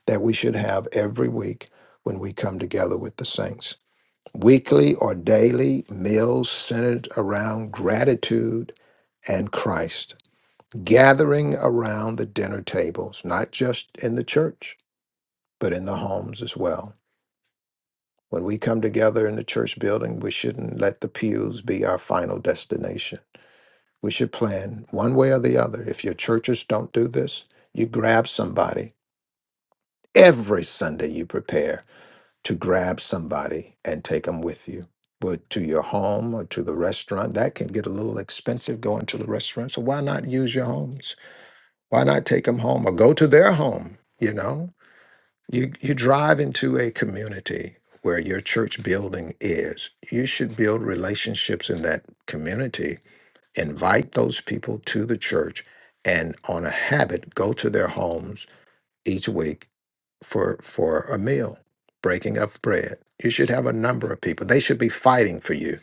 E: that we should have every week when we come together with the saints. Weekly or daily meals centered around gratitude and Christ, gathering around the dinner tables, not just in the church, but in the homes as well. When we come together in the church building, we shouldn't let the pews be our final destination We should plan one way or the other. If your churches don't do this, you grab somebody. Every Sunday, you prepare to grab somebody and take them with you. But to your home or to the restaurant, that can get a little expensive going to the restaurant. So why not use your homes? Why not take them home or go to their home? You know, you, you drive into a community where your church building is. You should build relationships in that community invite those people to the church and on a habit go to their homes each week for for a meal breaking of bread you should have a number of people they should be fighting for you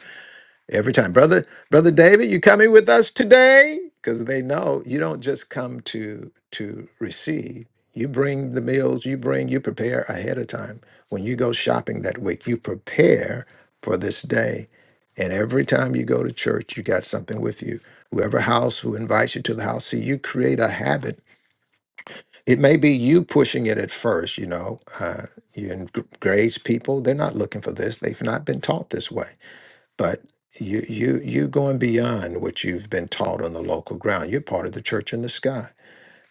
E: Every time, brother, brother David, you coming with us today? Because they know you don't just come to to receive. You bring the meals, you bring, you prepare ahead of time. When you go shopping that week, you prepare for this day. And every time you go to church, you got something with you. Whoever house who invites you to the house, see, you create a habit. It may be you pushing it at first, you know. Uh, you engr- grace people, they're not looking for this. They've not been taught this way but you you you going beyond what you've been taught on the local ground you're part of the church in the sky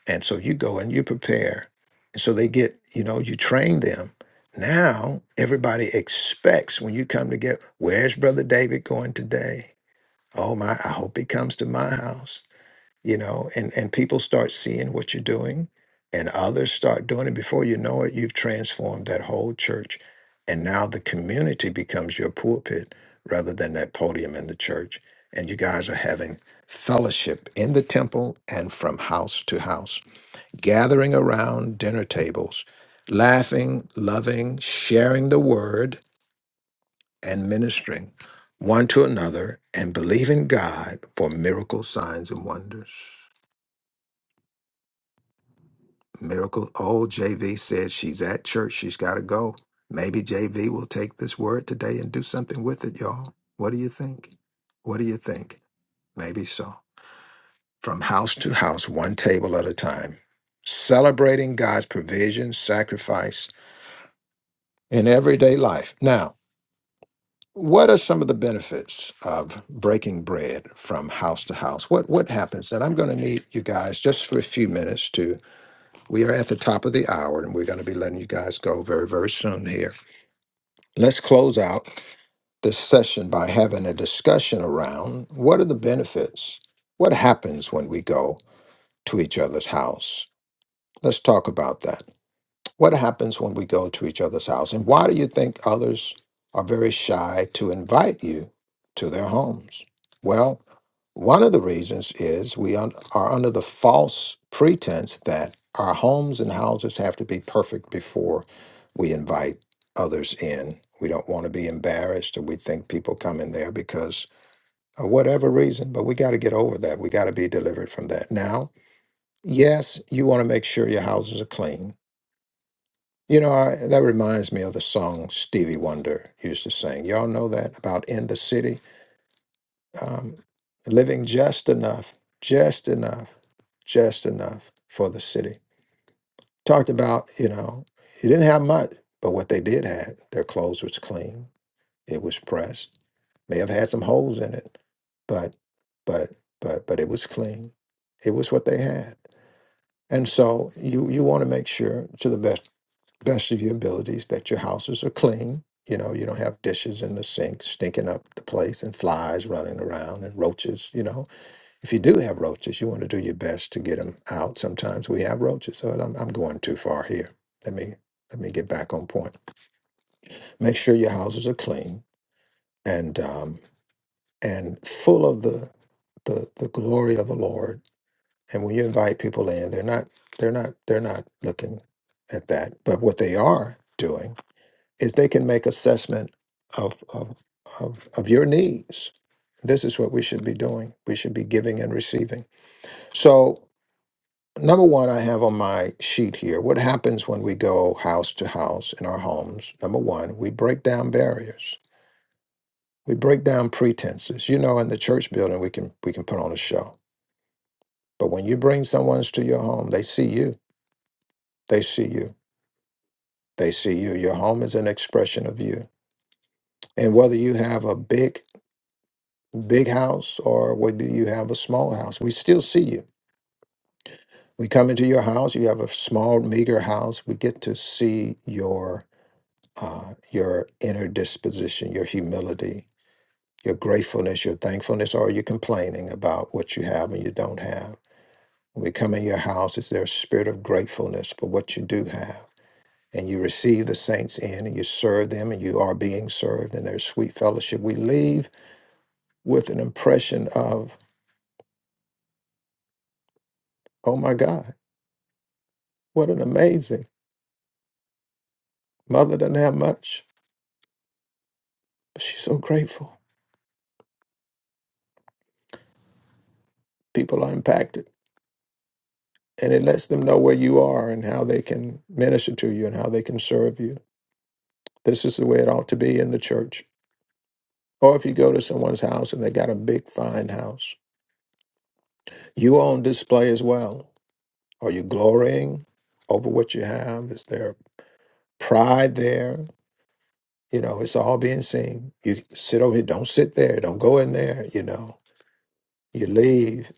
E: and so you go and you prepare and so they get you know you train them now everybody expects when you come to get where's brother david going today oh my i hope he comes to my house you know and and people start seeing what you're doing and others start doing it before you know it you've transformed that whole church and now the community becomes your pulpit rather than that podium in the church and you guys are having fellowship in the temple and from house to house gathering around dinner tables laughing loving sharing the word and ministering one to another and believing God for miracle signs and wonders Miracle. Oh, JV said she's at church. She's got to go. Maybe JV will take this word today and do something with it, y'all. What do you think? What do you think? Maybe so. From house to house, one table at a time, celebrating God's provision, sacrifice in everyday life. Now, what are some of the benefits of breaking bread from house to house? What what happens? And I'm going to need you guys just for a few minutes We are at the top of the hour and we're going to be letting you guys go very, very soon here. Let's close out this session by having a discussion around what are the benefits? What happens when we go to each other's house? Let's talk about that. What happens when we go to each other's house? And why do you think others are very shy to invite you to their homes? Well, one of the reasons is we un- are under the false pretense that our homes and houses have to be perfect before we invite others in. We don't want to be embarrassed, or we think people come in there because of whatever reason, but we got to get over that. We got to be delivered from that. Now, yes, you want to make sure your houses are clean. You know, I, that reminds me of the song Stevie Wonder used to sing. Y'all know that about in the city, um, living just enough, just enough, just enough for the city. Talked about, you know, you didn't have much, but what they did have, their clothes was clean, it was pressed, may have had some holes in it, but, but, but, but it was clean. It was what they had. And so you, you want to make sure to the best best of your abilities that your houses are clean. You know, you don't have dishes in the sink stinking up the place and flies running around and roaches. You know, if you do have roaches, you want to do your best to get them out. Sometimes we have roaches, so I'm, I'm going too far here. Let me let me get back on point. Make sure your houses are clean and um, and full of the the the glory of the Lord. And when you invite people in, they're not they're not they're not looking at that, but what they are doing is they can make assessment of of of, of your needs. This is what we should be doing. We should be giving and receiving. So number one I have on my sheet here, what happens when we go house to house in our homes? Number one, we break down barriers. We break down pretenses. You know, in the church building we can we can put on a show. But when you bring someone to your home, they see you. They see you. They see you. Your home is an expression of you. And whether you have a big big house or whether you have a small house. We still see you. We come into your house. You have a small, meager house. We get to see your uh, your inner disposition, your humility, your gratefulness, your thankfulness, or your complaining about what you have and you don't have. When we come in your house, is there a spirit of gratefulness for what you do have? And you receive the saints in and you serve them and you are being served and there's sweet fellowship. We leave with an impression of, oh my God, what an amazing Mother doesn't have much, but she's so grateful. People are impacted, and it lets them know where you are and how they can minister to you and how they can serve you. This is the way it ought to be in the church. Or if you go to someone's house and they got a big, fine house, you are on display as well. Are you glorying over what you have? Is there pride there? You know, it's all being seen. You sit over here, don't sit there, don't go in there, you know. You leave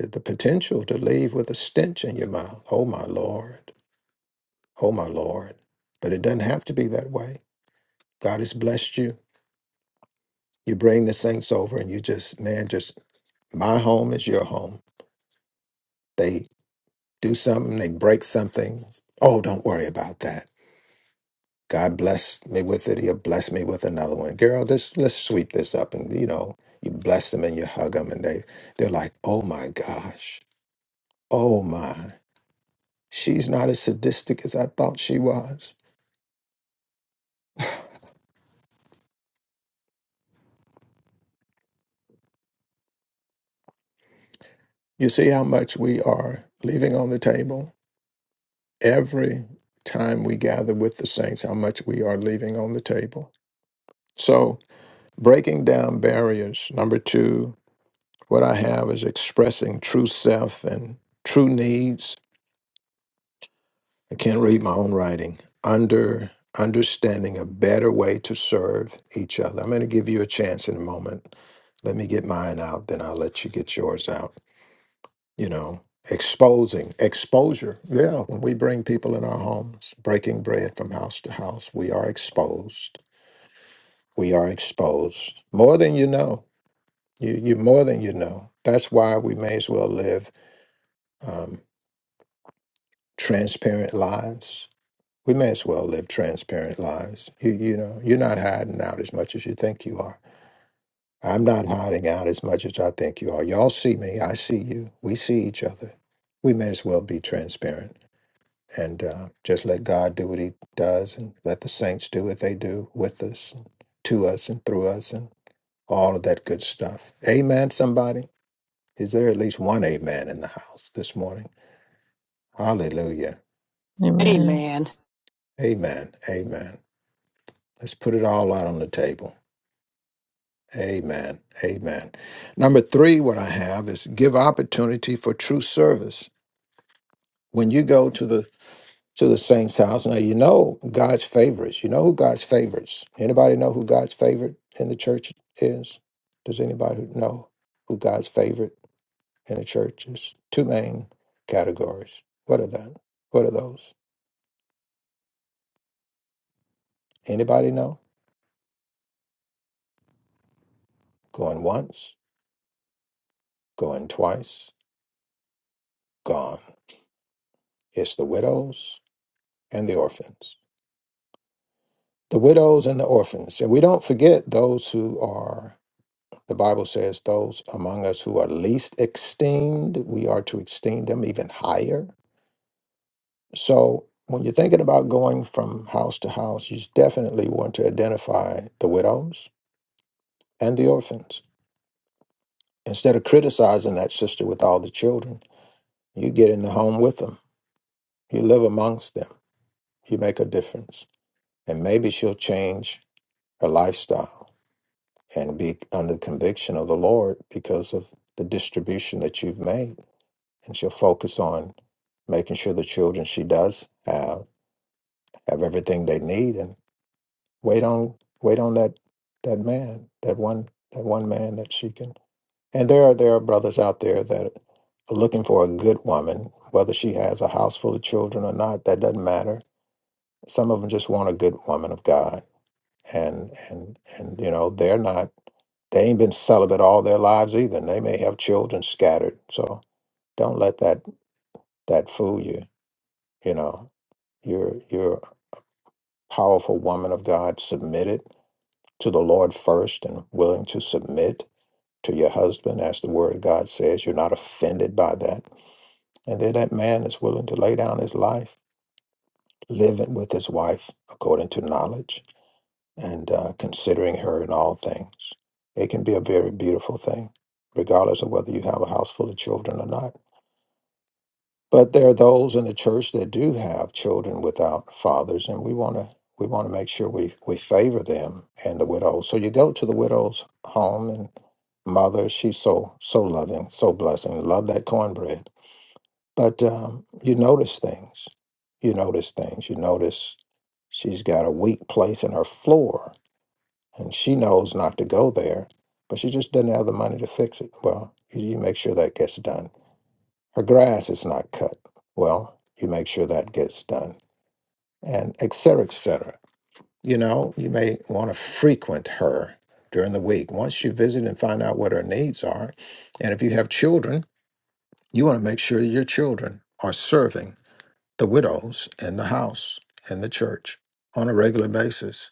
E: eh, The potential to leave with a stench in your mouth. Oh, my Lord. Oh, my Lord. But it doesn't have to be that way. God has blessed you. You bring the saints over and you just, man, just, my home is your home. They do something, they break something. Oh, don't worry about that. God blessed me with it. He'll bless me with another one. Girl, just let's sweep this up. And, you know, you bless them and you hug them and they, they're like, oh my gosh. Oh my. She's not as sadistic as I thought she was. You see how much we are leaving on the table every time we gather with the saints, how much we are leaving on the table. So, breaking down barriers. Number two, what I have is expressing true self and true needs. I can't read my own writing. Under understanding a better way to serve each other. I'm going to give you a chance in a moment. Let me get mine out, then I'll let you get yours out. you know exposing exposure yeah when we bring people in our homes breaking bread from house to house we are exposed we are exposed more than you know you you more than you know that's why we may as well live um, transparent lives we may as well live transparent lives you you know you're not hiding out as much as you think you are i'm not hiding out as much as i think you are y'all see me i see you we see each other we may as well be transparent and uh, just let God do what He does, and let the saints do what they do with us, and to us, and through us, and all of that good stuff. Amen. Somebody, is there at least one amen in the house this morning? Hallelujah.
F: Amen.
A: Amen.
E: Amen. Amen. Let's put it all out on the table. Amen. Amen. Number three, what I have is give opportunity for true service. When you go to the to the saints' house. Now you know God's favorites. You know who God's favorites. Anybody know who God's favorite in the church is? Does anybody know who God's favorite in the church is? Two main categories. What are that? What are those? Anybody know? Going once, going twice, gone. It's the widows and the orphans. The widows and the orphans. And we don't forget those who are The Bible says those among us who are least esteemed, we are to esteem them even higher. So when you're thinking about going from house to house, you definitely want to identify the widows and the orphans. Instead of criticizing that sister with all the children, you get in the home with them. You live amongst them. You make a difference. And maybe she'll change her lifestyle and be under the conviction of the Lord because of the distribution that you've made. and she'll focus on making sure the children she does have have everything they need and wait on wait on that that man that one that one man that she can and there are there are brothers out there that are looking for a good woman whether she has a house full of children or not that doesn't matter some of them just want a good woman of god and and and you know they're not they ain't been celibate all their lives either and they may have children scattered so don't let that that fool you you know You're you're a powerful woman of God, submitted to the Lord first and willing to submit to your husband as the word of God says. You're not offended by that. And then that man is willing to lay down his life, living with his wife according to knowledge and uh, considering her in all things. It can be a very beautiful thing, regardless of whether you have a house full of children or not. But there are those in the church that do have children without fathers, and we want to we want to make sure we we favor them and the widows. So you go to the widow's home and mother, she's so so loving, so blessing. Love that cornbread. But um, you notice things. You notice things. You notice she's got a weak place in her floor, and she knows not to go there, but she just doesn't have the money to fix it. Well, you you make sure that gets done her grass is not cut. Well, you make sure that gets done, and et cetera, et cetera. You know, you may want to frequent her during the week. Once you visit and find out what her needs are, and if you have children, you want to make sure your children are serving the widows in the house and the church on a regular basis.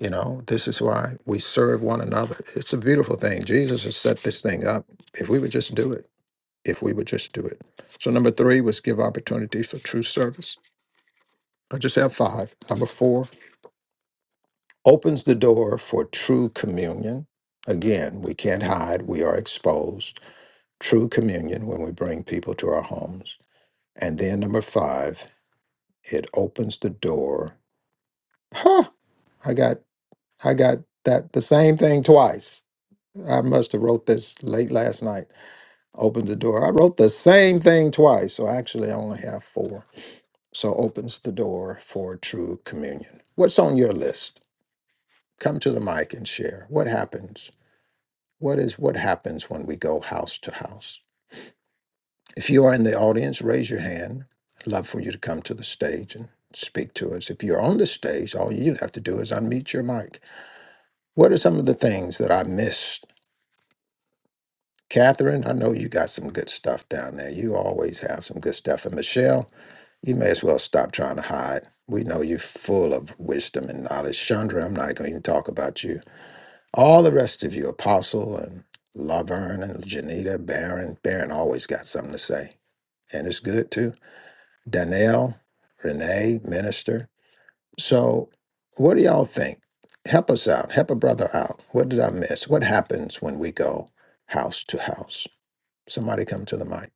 E: You know, this is why we serve one another. It's a beautiful thing. Jesus has set this thing up. If we would just do it if we would just do it. So number three was give opportunities for true service. I just have five. Number four opens the door for true communion. Again, we can't hide, we are exposed. True communion when we bring people to our homes. And then number five, it opens the door. Huh, I got I got that the same thing twice. I must have wrote this late last night. Opened the door. I wrote the same thing twice. So actually I only have four so opens the door for true communion. What's on your list? Come to the mic and share. What happens? What is what happens when we go house to house? If you are in the audience, raise your hand. Love for you to come to the stage and speak to us. If you're on the stage, all you have to do is unmute your mic. What are some of the things that I missed? Catherine, I know you got some good stuff down there. You always have some good stuff. And Michelle, You may as well stop trying to hide. We know you're full of wisdom and knowledge. Chandra, I'm not going to even talk about you. All the rest of you, Apostle and Laverne and Janita, Baron, Baron always got something to say. And it's good too. Danielle, Renee, Minister. So, what do y'all think? Help us out. Help a brother out. What did I miss? What happens when we go house to house? Somebody come to the mic.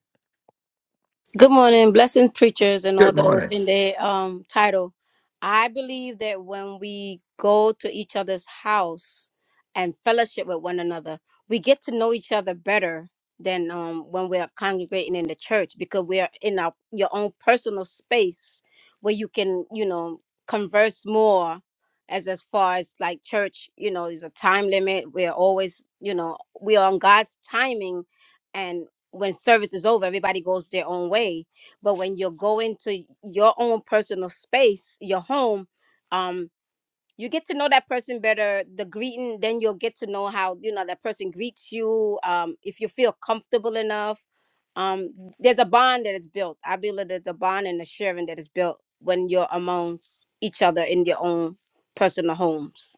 G: Good morning, blessing preachers and all
E: Good
G: those
E: morning.
G: in the um title. I believe that when we go to each other's house and fellowship with one another, we get to know each other better than um when we're congregating in the church because we're in our your own personal space where you can, you know, converse more as as far as like church, you know, there's a time limit. We're always, you know, we are on God's timing when service is over, everybody goes their own way. But when you go into your own personal space, your home, um, you get to know that person better. The greeting, then you'll get to know how you know that person greets you. Um, if you feel comfortable enough, um, there's a bond that is built. I believe there's a bond and a sharing that is built when you're amongst each other in your own personal homes.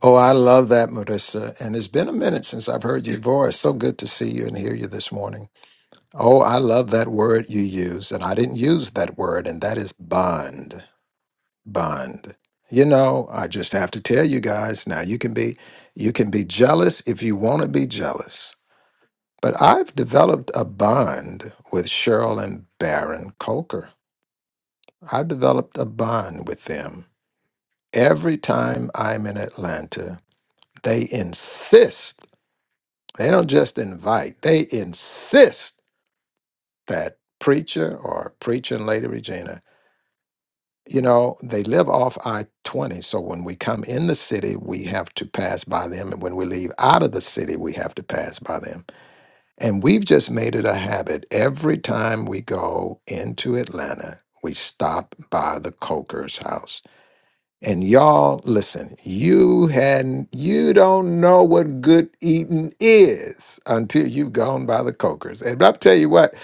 E: Oh, I love that, Marissa. And it's been a minute since I've heard your voice. So good to see you and hear you this morning. Oh, I love that word you use. And I didn't use that word, and that is bond. Bond. You know, I just have to tell you guys now you can be you can be jealous if you want to be jealous. But I've developed a bond with Cheryl and Baron Coker. I've developed a bond with them. Every time I'm in Atlanta, they insist They don't just invite, they insist that preacher or preaching Lady Regina, you know, they live off I 20. So when we come in the city, we have to pass by them. And when we leave out of the city, we have to pass by them. And we've just made it a habit every time we go into Atlanta, we stop by the Coker's house and y'all, listen, you had you don't know what good eating is until you've gone by the cokers. And I'll tell you what,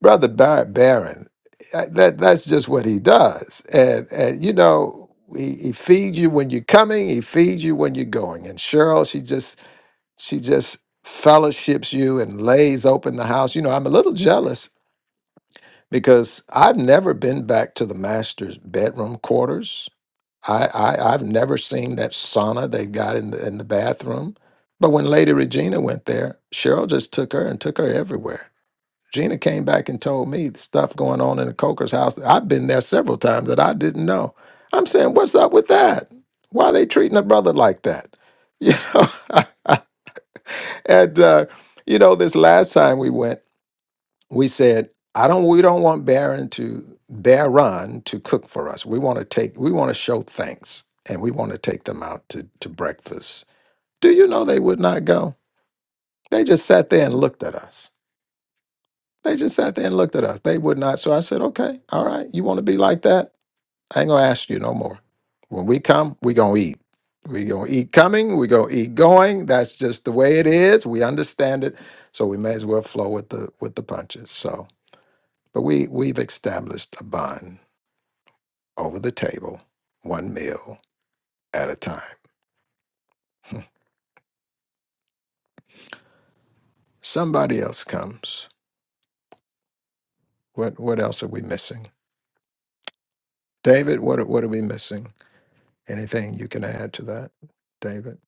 E: brother Bar- Barron, uh, that that's just what he does. And and you know, he, he feeds you when you're coming, he feeds you when you're going. And Cheryl, she just she just fellowships you and lays open the house. You know, I'm a little jealous because I've never been back to the master's bedroom quarters. I, I I've never seen that sauna they got in the in the bathroom. But when Lady Regina went there, Cheryl just took her and took her everywhere. Gina came back and told me the stuff going on in the Coker's house. I've been there several times that I didn't know. I'm saying, what's up with that? Why are they treating a brother like that? You know, and uh, you know, this last time we went we said, I don't we don't want Baron to Baron to cook for us. We want to take we want to show thanks and we want to take them out to, to breakfast. Do you know they would not go? They just sat there and looked at us. They just sat there and looked at us. They would not. So I said, okay, all right, you want to be like that? I ain't gonna ask you no more. When we come, we gonna eat. We gonna eat coming, we gonna eat going. That's just the way it is. We understand it. So we may as well flow with the with the punches. So But we, we've established a bond over the table, one meal at a time. Hmm. Somebody else comes. What, what else are we missing? David, what, are- what are we missing? Anything you can add to that, David?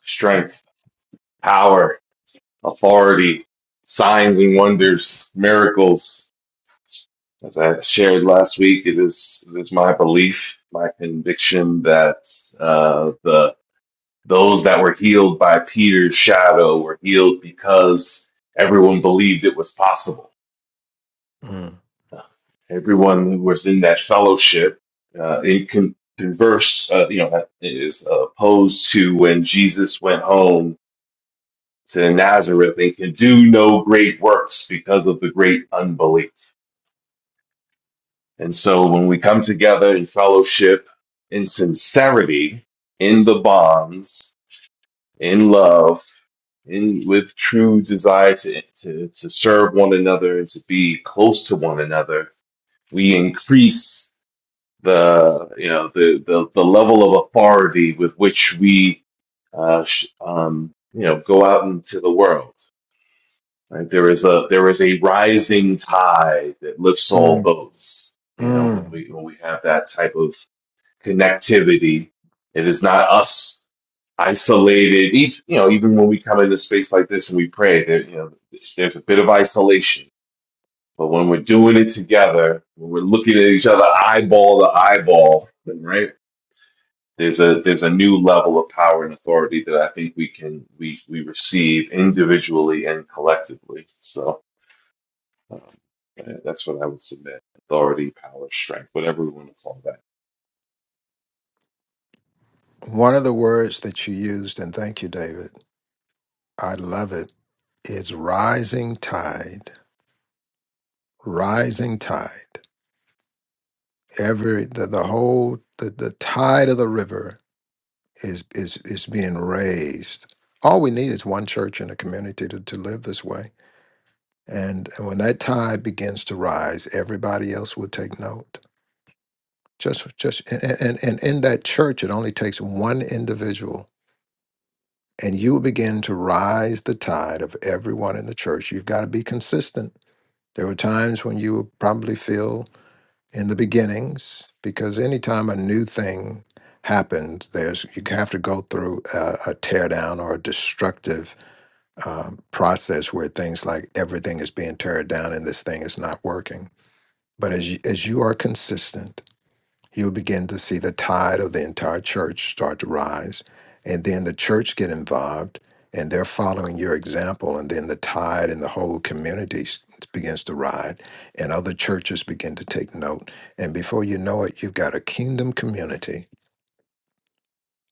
B: Strength, power, authority, signs and wonders, miracles. As I shared last week, it is it is my belief, my conviction that uh, the those that were healed by Peter's shadow were healed because everyone believed it was possible.
E: Mm.
B: everyone who was in that fellowship uh, in con- converse, uh, you know, is opposed to when Jesus went home to Nazareth and can do no great works because of the great unbelief. And so when we come together in fellowship, in sincerity, in the bonds, in love, in with true desire to, to, to serve one another and to be close to one another, we increase the you know the the, the level of authority with which we uh, sh- um, you know go out into the world. Right? There is a there is a rising tide that lifts all
E: Mm.
B: boats. You know when
E: Mm.
B: we when we have that type of connectivity, it is not us isolated. Each you know even when we come into space like this and we pray, there you know there's a bit of isolation. But when we're doing it together, when we're looking at each other eyeball to eyeball, right? There's a there's a new level of power and authority that I think we can we we receive individually and collectively. So uh, that's what I would submit: authority, power, strength, whatever we want to call that.
E: One of the words that you used, and thank you, David, I love it, is rising tide. Rising tide. Every, the, the whole, the, the tide of the river is is is being raised. All we need is one church in a community to, to live this way. And, and when that tide begins to rise, everybody else will take note. Just just and, and, and in that church it only takes one individual and you will begin to rise the tide of everyone in the church. You've got to be consistent. There were times when you would probably feel in the beginnings, because anytime a new thing happens, there's you have to go through a, a tear down or a destructive um, process where things like everything is being teared down and this thing is not working. But as you, as you are consistent, you'll begin to see the tide of the entire church start to rise, and then the church get involved, and they're following your example, and then the tide and the whole community s- begins to rise, and other churches begin to take note, and before you know it, you've got a kingdom community.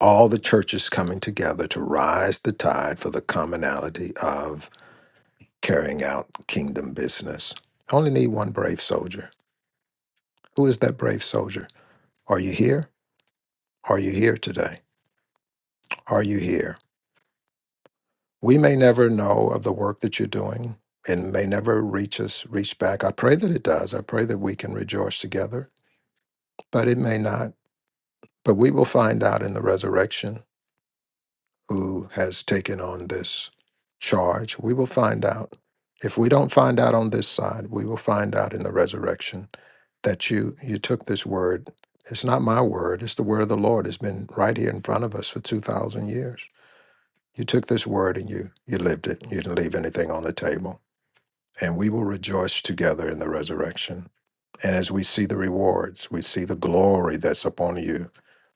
E: All the churches coming together to rise the tide for the commonality of carrying out kingdom business. I only need one brave soldier. Who is that brave soldier? Are you here? Are you here today? Are you here? We may never know of the work that you're doing and may never reach us, reach back. I pray that it does. I pray that we can rejoice together, but it may not. But we will find out in the resurrection who has taken on this charge. We will find out. If we don't find out on this side, we will find out in the resurrection that you you took this word. It's not my word, it's the word of the Lord. It's been right here in front of us for 2000 years. You took this word and you you lived it. You didn't leave anything on the table and we will rejoice together in the resurrection. And as we see the rewards, we see the glory that's upon you.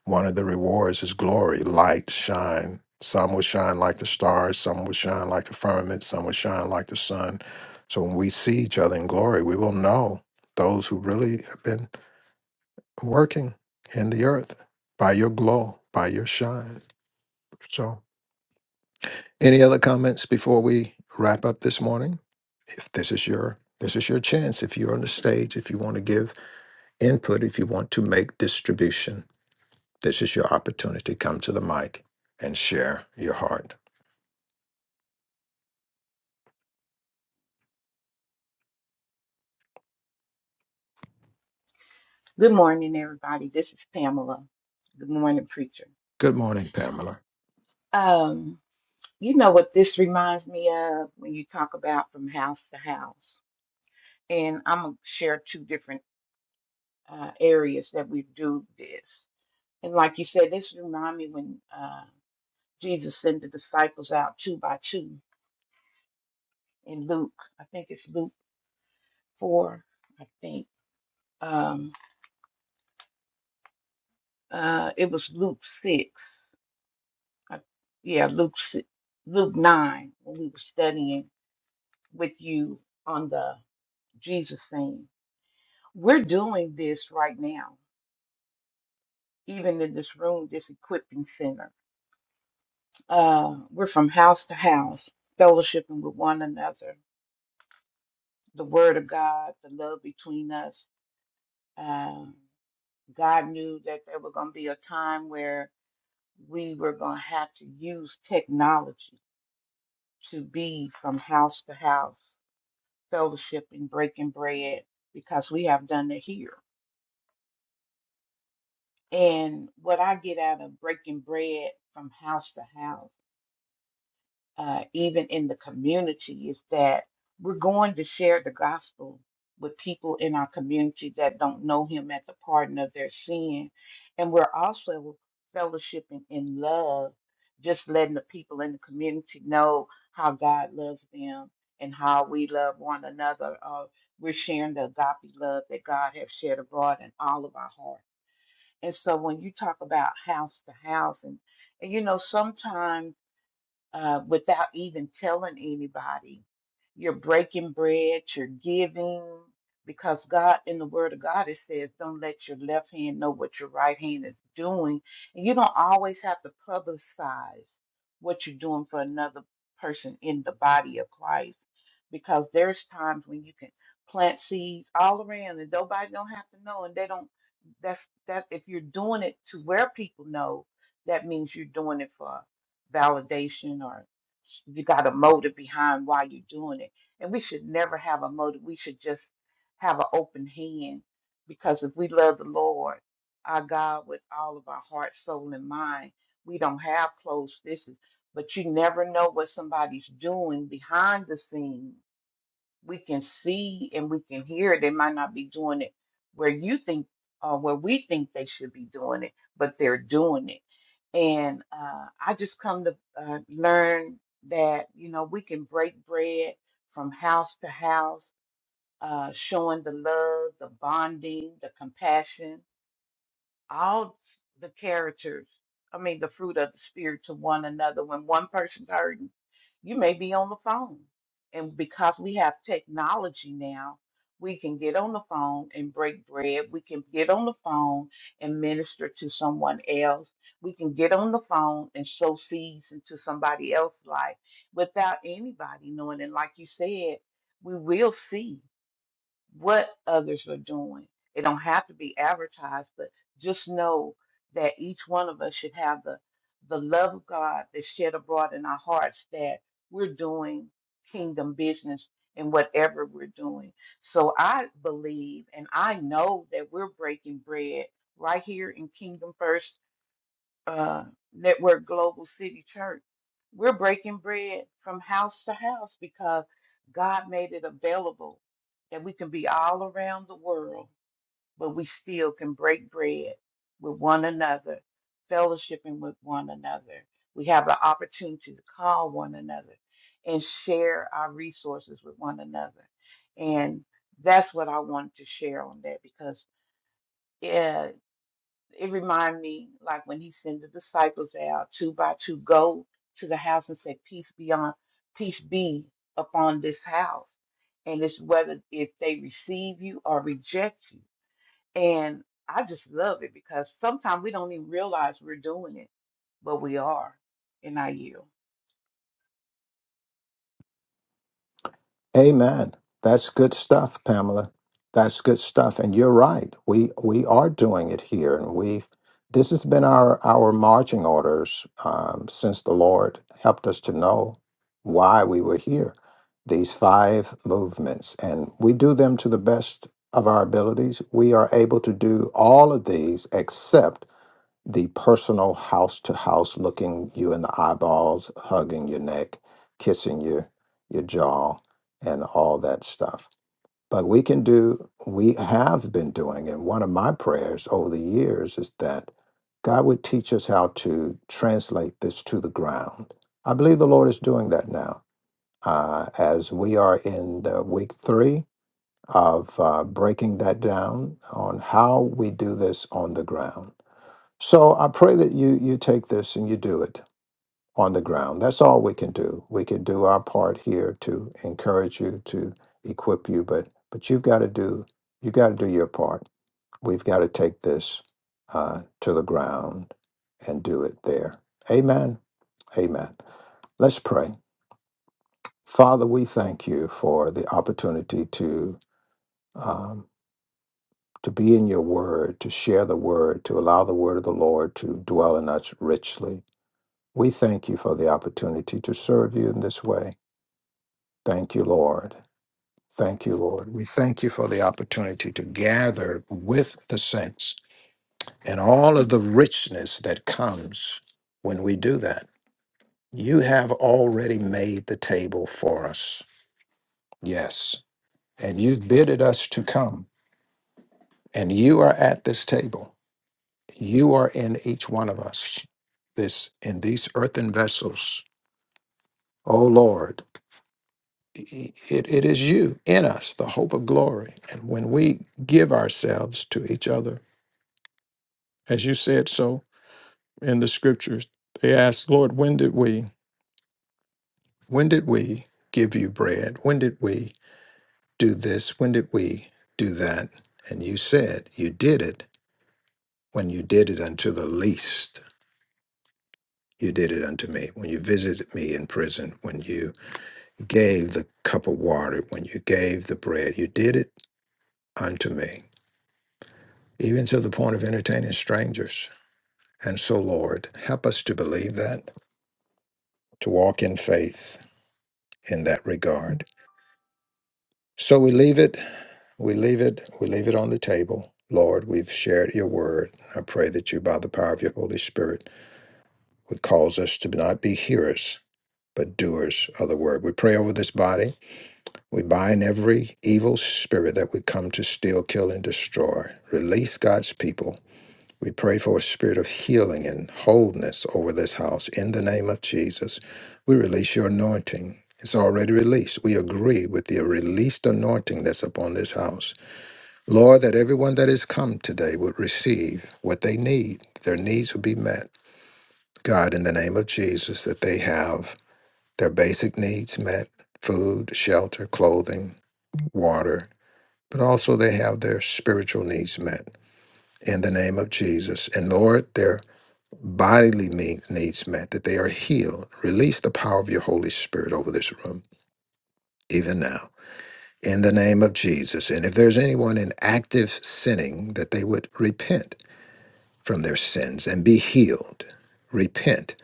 E: One of the rewards is glory, light, shine. Some will shine like the stars, some will shine like the firmament, some will shine like the sun. So when we see each other in glory, we will know those who really have been working in the earth by your glow, by your shine. So. Any other comments before we wrap up this morning? If this is your this is your chance, if you're on the stage, if you want to give input, if you want to make distribution, this is your opportunity. Come to the mic and share your heart.
H: Good morning, everybody. This is Pamela. Good morning, preacher.
E: Good morning, Pamela.
H: Um, you know what this reminds me of when you talk about from house to house, and I'm gonna share two different uh, areas that we do this. And like you said, this reminds me when uh, Jesus sent the disciples out two by two in Luke. I think it's Luke four. I think um, uh, it was Luke six. I, yeah, Luke si- Luke nine when we were studying with you on the Jesus thing. We're doing this right now, even in this room, this equipping center. Uh, we're from house to house, fellowshipping with one another, the word of God, the love between us. Um, God knew that there was going to be a time where we were going to have to use technology to be from house to house, fellowship and breaking bread, because we have done it here And what I get out of breaking bread from house to house, uh, even in the community, is that we're going to share the gospel with people in our community that don't know Him at the pardon of their sin. And we're also fellowshipping in love, just letting the people in the community know how God loves them and how we love one another. Uh, we're sharing the agape love that God has shared abroad in all of our hearts. And so when you talk about house to house, and, and you know, sometimes uh, without even telling anybody. You're breaking bread, you're giving, because God, in the Word of God, it says, don't let your left hand know what your right hand is doing. And you don't always have to publicize what you're doing for another person in the body of Christ, because there's times when you can plant seeds all around and nobody don't have to know and they don't that's that if you're doing it to where people know that means you're doing it for validation or you got a motive behind why you're doing it. And we should never have a motive. We should just have an open hand because if we love the Lord, our God, with all of our heart, soul, and mind, we don't have closed fists. But you never know what somebody's doing behind the scenes we can see and we can hear they might not be doing it where you think or where we think they should be doing it but they're doing it and uh, i just come to uh, learn that you know we can break bread from house to house uh, showing the love the bonding the compassion all the characters, I mean, the fruit of the Spirit to one another. When one person's hurting, you may be on the phone. And because we have technology now, we can get on the phone and break bread. We can get on the phone and minister to someone else. We can get on the phone and sow seeds into somebody else's life without anybody knowing. And like you said, we will see what others are doing. It don't have to be advertised, but just know that each one of us should have the the love of God that's shed abroad in our hearts that we're doing kingdom business in whatever we're doing. So I believe and I know that we're breaking bread right here in Kingdom First uh, Network Global City Church. We're breaking bread from house to house because God made it available that we can be all around the world, but we still can break bread with one another, fellowshipping with one another. We have the opportunity to call one another and share our resources with one another. And that's what I wanted to share on that because yeah it remind me like when he sent the disciples out two by two go to the house and say peace be on peace be upon this house and it's whether if they receive you or reject you and i just love it because sometimes we don't even realize we're doing it but we are and i yield
E: Amen. That's good stuff, Pamela. That's good stuff. And you're right. We we are doing it here, and we've this has been our our marching orders um, since the Lord helped us to know why we were here. These five movements, and we do them to the best of our abilities. We are able to do all of these except the personal house to house looking you in the eyeballs, hugging your neck, kissing your your jaw and all that stuff. But we can do we have been doing and one of my prayers over the years is that God would teach us how to translate this to the ground. I believe the Lord is doing that now. Uh, as we are in the week three of uh, breaking that down on how we do this on the ground. So I pray that you you take this and you do it on the ground. That's all we can do. We can do our part here to encourage you, to equip you, but but you've got to do you have got to do your part. We've got to take this uh, to the ground and do it there. Amen. Amen. Let's pray. Father, we thank you for the opportunity to um, to be in your word, to share the word, to allow the word of the Lord to dwell in us richly. We thank you for the opportunity to serve you in this way. Thank you, Lord. Thank you, Lord. We thank you for the opportunity to gather with the saints and all of the richness that comes when we do that. You have already made the table for us. Yes. And you've bidded us to come. And you are at this table. You are in each one of us. This in these earthen vessels. Oh Lord. it, it is you in us, the hope of glory. And when we give ourselves to each other, as you said so in the scriptures, they asked, Lord, when did we, when did we give you bread? When did we do this? When did we do that? And you said, You did it when you did it unto the least. You did it unto me when you visited me in prison, when you gave the cup of water, when you gave the bread. You did it unto me. even to the point of entertaining strangers. And so, Lord, help us to believe that, to walk in faith in that regard. So we leave it, we leave it, we leave it on the table. Lord, we've shared your word. I pray that you, by the power of your Holy Spirit, would cause us to not be hearers, but doers of the word. We pray over this body. We bind every evil spirit that would come to steal, kill, and destroy. Release God's people We pray for a spirit of healing and wholeness over this house. In the name of Jesus, we release your anointing. It's already released. We agree with the released anointing that's upon this house. Lord, that everyone that has come today would receive what they need. Their needs would be met. God, in the name of Jesus, that they have their basic needs met food, shelter, clothing, water, but also they have their spiritual needs met in the name of Jesus. And Lord, their bodily ne- needs met, that they are healed. Release the power of your Holy Spirit over this room, even now, in the name of Jesus. And if there's anyone in active sinning, that they would repent from their sins and be healed. Repent,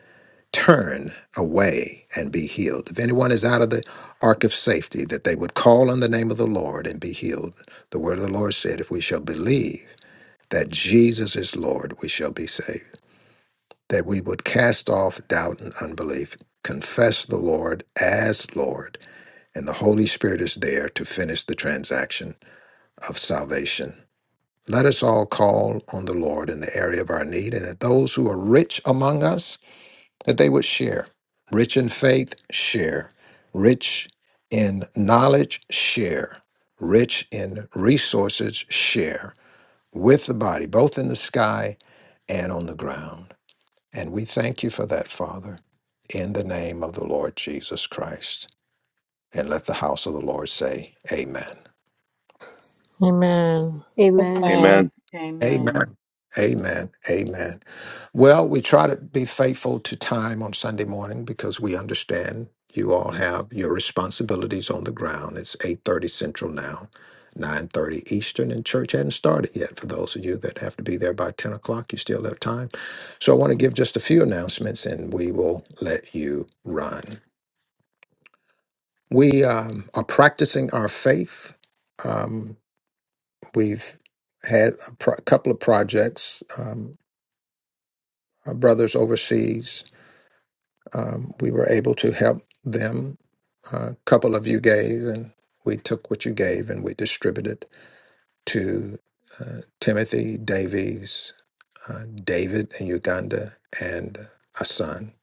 E: turn away and be healed. If anyone is out of the ark of safety, that they would call on the name of the Lord and be healed. The word of the Lord said, If we shall believe that Jesus is Lord, we shall be saved. that we would cast off doubt and unbelief, confess the Lord as Lord, and the Holy Spirit is there to finish the transaction of salvation. Let us all call on the Lord in the area of our need, and that those who are rich among us, that they would share. Rich in faith, share. Rich in knowledge, share. Rich in resources, share with the body, both in the sky and on the ground. And we thank you for that, Father, in the name of the Lord Jesus Christ. And let the house of the Lord say, Amen.
F: Amen.
G: Amen.
B: Amen.
A: Amen.
H: amen
E: Amen. Amen. Amen. Well, we try to be faithful to time on Sunday morning because we understand you all have your responsibilities on the ground. It's 8:30 Central now, 9:30 Eastern, and church hadn't started yet. For those of you that have to be there by 10 o'clock, you still have time. So I want to give just a few announcements and we will let you run. We um, are practicing our faith. Um, we've had a pro- couple of projects. Um, our brothers overseas, um, we were able to help them. A couple of you gave, and we took what you gave and we distributed to uh, Timothy Davies, uh, David in Uganda, and a son.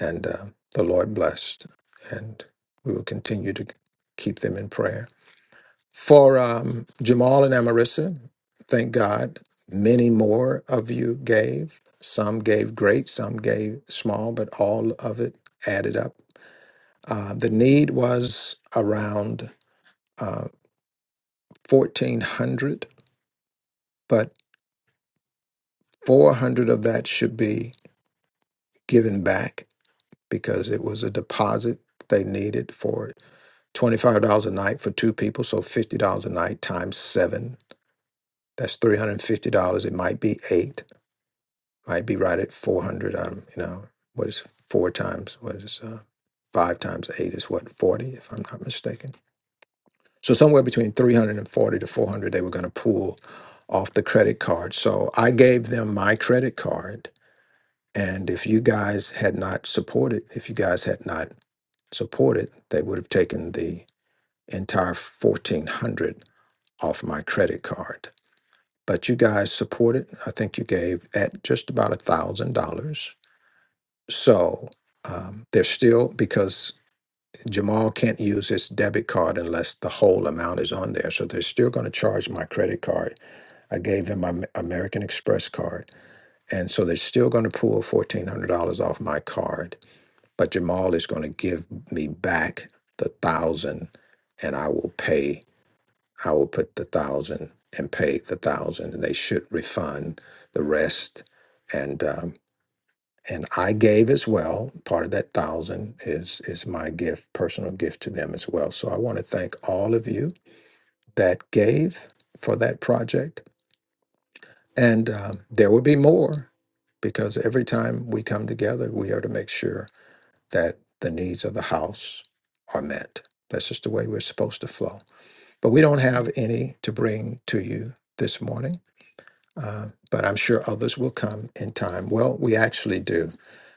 E: And uh, the Lord blessed. And we will continue to keep them in prayer. For um, Jamal and Amarissa, thank God, many more of you gave. Some gave great, some gave small, but all of it added up. Uh, the need was around uh, 1,400, but 400 of that should be given back because it was a deposit they needed for $25 a night for two people, so $50 a night times seven. That's $350. It might be eight I'd be right at 400. I'm, you know, what is four times, what is uh, five times eight is what, 40, if I'm not mistaken. So somewhere between 340 to 400, they were going to pull off the credit card. So I gave them my credit card. And if you guys had not supported, if you guys had not supported, they would have taken the entire 1400 off my credit card. But you guys supported. I think you gave at just about a thousand dollars So um, there's still, because Jamal can't use his debit card unless the whole amount is on there. So they're still going to charge my credit card. I gave him my Am- American Express card. And so they're still going to pull $1,400 off my card. But Jamal is going to give me back the thousand and I will pay, I will put the thousand and pay the thousand and they should refund the rest. And um, and I gave as well. Part of that thousand is is my gift, personal gift to them as well. So I want to thank all of you that gave for that project, and um, there will be more because every time we come together, we are to make sure that the needs of the house are met. That's just the way we're supposed to flow. But we don't have any to bring to you this morning. Uh, but I'm sure others will come in time. Well, we actually do.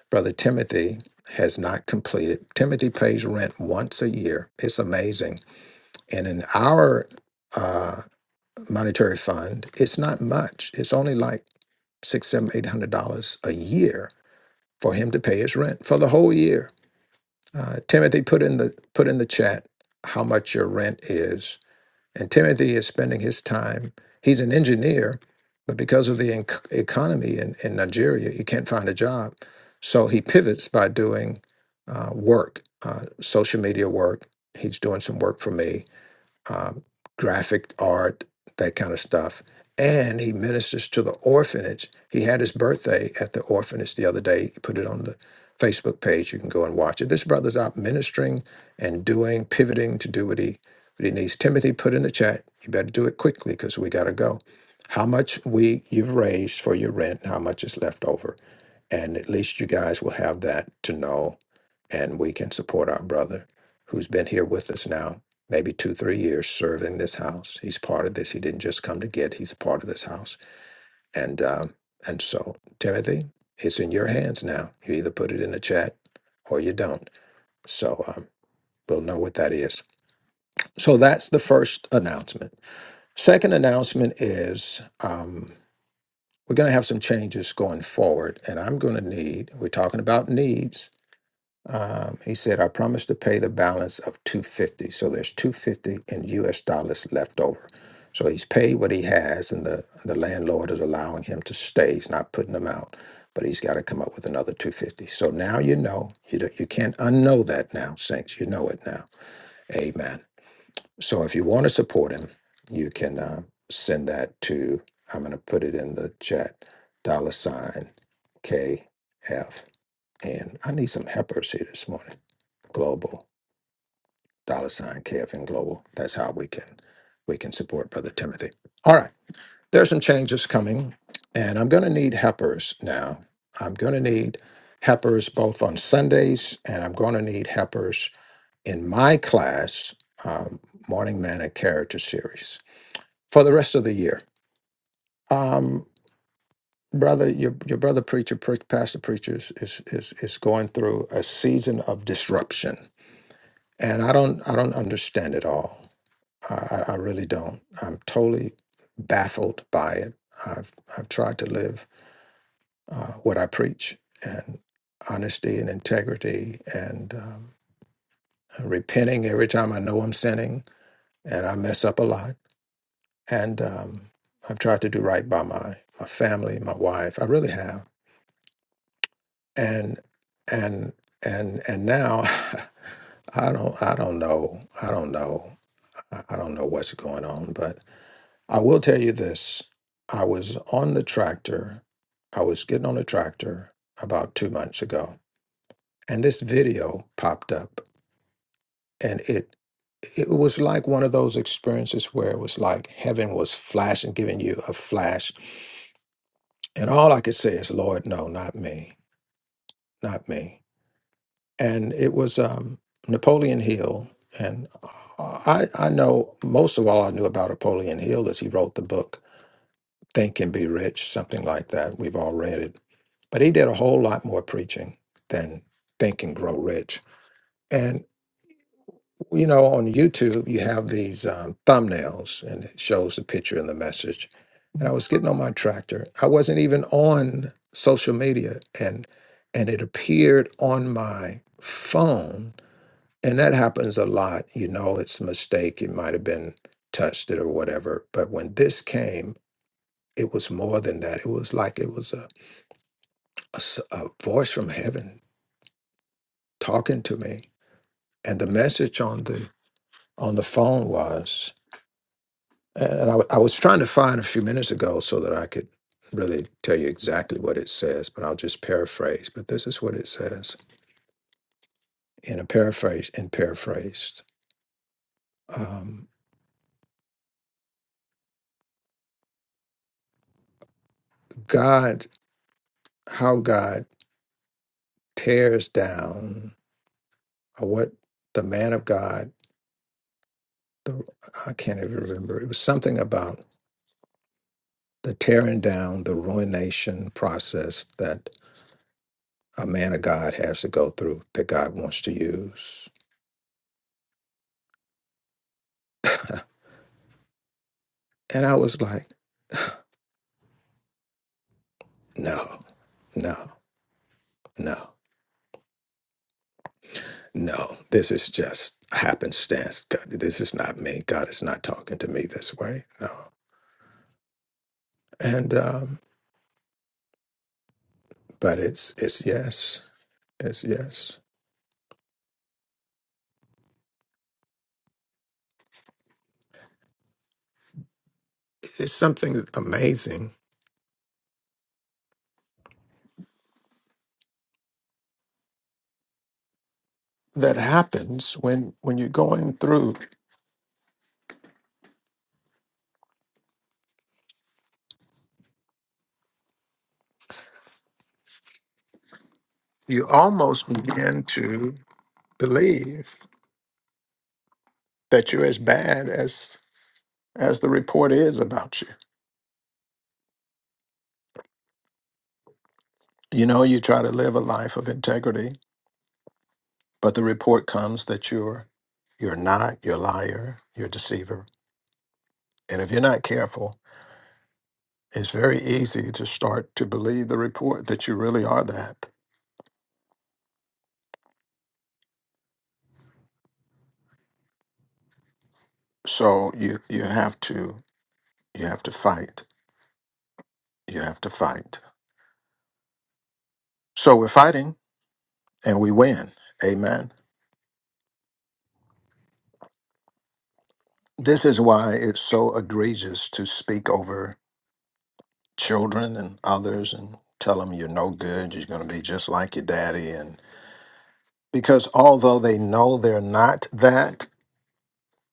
E: Brother Timothy has not completed. Timothy pays rent once a year. It's amazing. And in our uh, monetary fund, it's not much. It's only like six, seven, eight hundred dollars a year for him to pay his rent for the whole year. Uh, Timothy, put in the put in the chat how much your rent is and Timothy is spending his time, he's an engineer, but because of the enc economy in, in Nigeria, he can't find a job. So he pivots by doing uh, work, uh, social media work. He's doing some work for me um, graphic art, that kind of stuff. And he ministers to the orphanage. He had his birthday at the orphanage the other day. He put it on the Facebook page. You can go and watch it. This brother's out ministering and doing, pivoting to do what he what he needs. Timothy, put in the chat. You better do it quickly because we got to go. How much we you've raised for your rent? and How much is left over? And at least you guys will have that to know and we can support our brother who's been here with us now maybe two three years serving this house he's part of this he didn't just come to get he's a part of this house and um, and so timothy it's in your hands now you either put it in the chat or you don't so um, we'll know what that is so that's the first announcement second announcement is um, we're going to have some changes going forward and i'm going to need we're talking about needs Um, he said, I promised to pay the balance of 250. So there's 250 in US dollars left over. So he's paid what he has, and the, the landlord is allowing him to stay. He's not putting him out, but he's got to come up with another 250. So now you know. You, do you can't unknow that now, Saints. You know it now. Amen. So if you want to support him, you can uh, send that to, I'm going to put it in the chat, dollar sign KFN. I need some helpers here this morning. Global, dollar sign KFN Global. That's how we can we can support Brother Timothy. All right. There's some changes coming, and I'm gonna need helpers now. I'm gonna need helpers both on Sundays, and I'm gonna need helpers in my class, um, Morning Manna Character Series for the rest of the year. Um, brother, your your brother preacher, pre- pastor preachers is is is going through a season of disruption, and I don't I don't understand it all I, I I really don't. I'm totally baffled by it. I've I've tried to live uh, what I preach and honesty and integrity and um, and repenting every time I know I'm sinning and I mess up a lot. And um, I've tried to do right by my my family, my wife. I really have. And and and and now I don't I don't know I don't know I I don't know what's going on, but. I will tell you this. I was on the tractor. I was getting on the tractor about two months ago, and this video popped up, and it it was like one of those experiences where it was like heaven was flashing, giving you a flash, and all I could say is, "Lord, no, not me, not me." And it was um, Napoleon Hill, and I I know most of all I knew about Napoleon Hill is he wrote the book Think and Be Rich, something like that. We've all read it. But he did a whole lot more preaching than Think and Grow Rich. And, you know, on YouTube, you have these um, thumbnails and it shows the picture and the message. And I was getting on my tractor. I wasn't even on social media and and it appeared on my phone. And that happens a lot. You know, it's a mistake. It might have been touched it or whatever. But when this came, it was more than that. It was like it was a a, s- a voice from heaven talking to me and the message on the on the phone was and I, w- I was trying to find a few minutes ago so that i could really tell you exactly what it says but i'll just paraphrase but this is what it says in a paraphrase in paraphrased um, god how god tears down or what the man of god the, i can't even remember it was something about the tearing down the ruination process that. a man of God has to go through that God wants to use. And I was like, no, no, no, no. This is just happenstance. God, this is not me. God is not talking to me this way. No. And um, but it's it's yes, it's yes. It's something amazing that happens when when you're going through. You almost begin to believe that you're as bad as as the report is about you You know, you try to live a life of integrity, but the report comes that you're you're not, you're a liar, you're a deceiver. And if you're not careful, it's very easy to start to believe the report that you really are that. So you you have to you have to fight. You have to fight. So we're fighting and we win. Amen. This is why it's so egregious to speak over children and others and tell them you're no good, you're going to be just like your daddy Because although they know they're not that,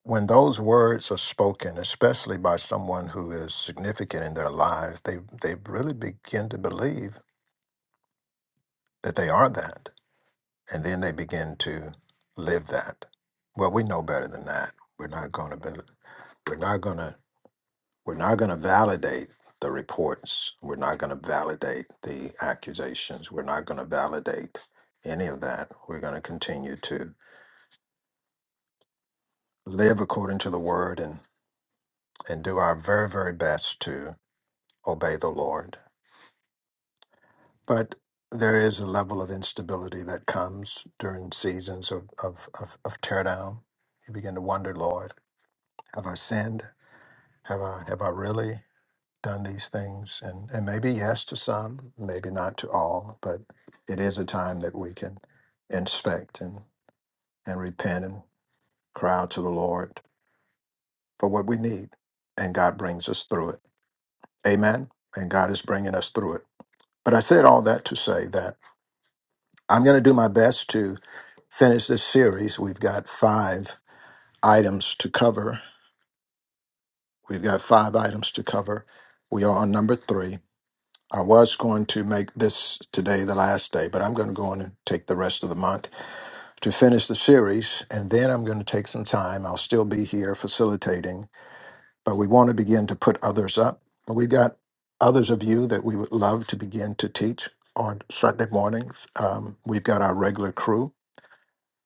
E: when those words are spoken, especially by someone who is significant in their lives, they, they really begin to believe that they are that. And then they begin to live that. Well, we know better than that. We're not going to be, we're not going to we're not going to validate the reports. We're not going to validate the accusations. We're not going to validate any of that. We're going to continue to live according to the word and do our very, very best to obey the Lord. But there is a level of instability that comes during seasons of, of, of, of teardown. You begin to wonder, Lord, have I sinned? Have I have I really done these things? And and maybe yes to some, maybe not to all, but it is a time that we can inspect and, and repent and cry out to the Lord for what we need. And God brings us through it. Amen. And God is bringing us through it But I said all that to say that I'm going to do my best to finish this series. We've got five items to cover. We've got five items to cover. We are on number three. I was going to make this today the last day, but I'm going to go on and take the rest of the month to finish the series. And then I'm going to take some time. I'll still be here facilitating, but we want to begin to put others up. But we've got others of you that we would love to begin to teach on Sunday mornings. Um, we've got our regular crew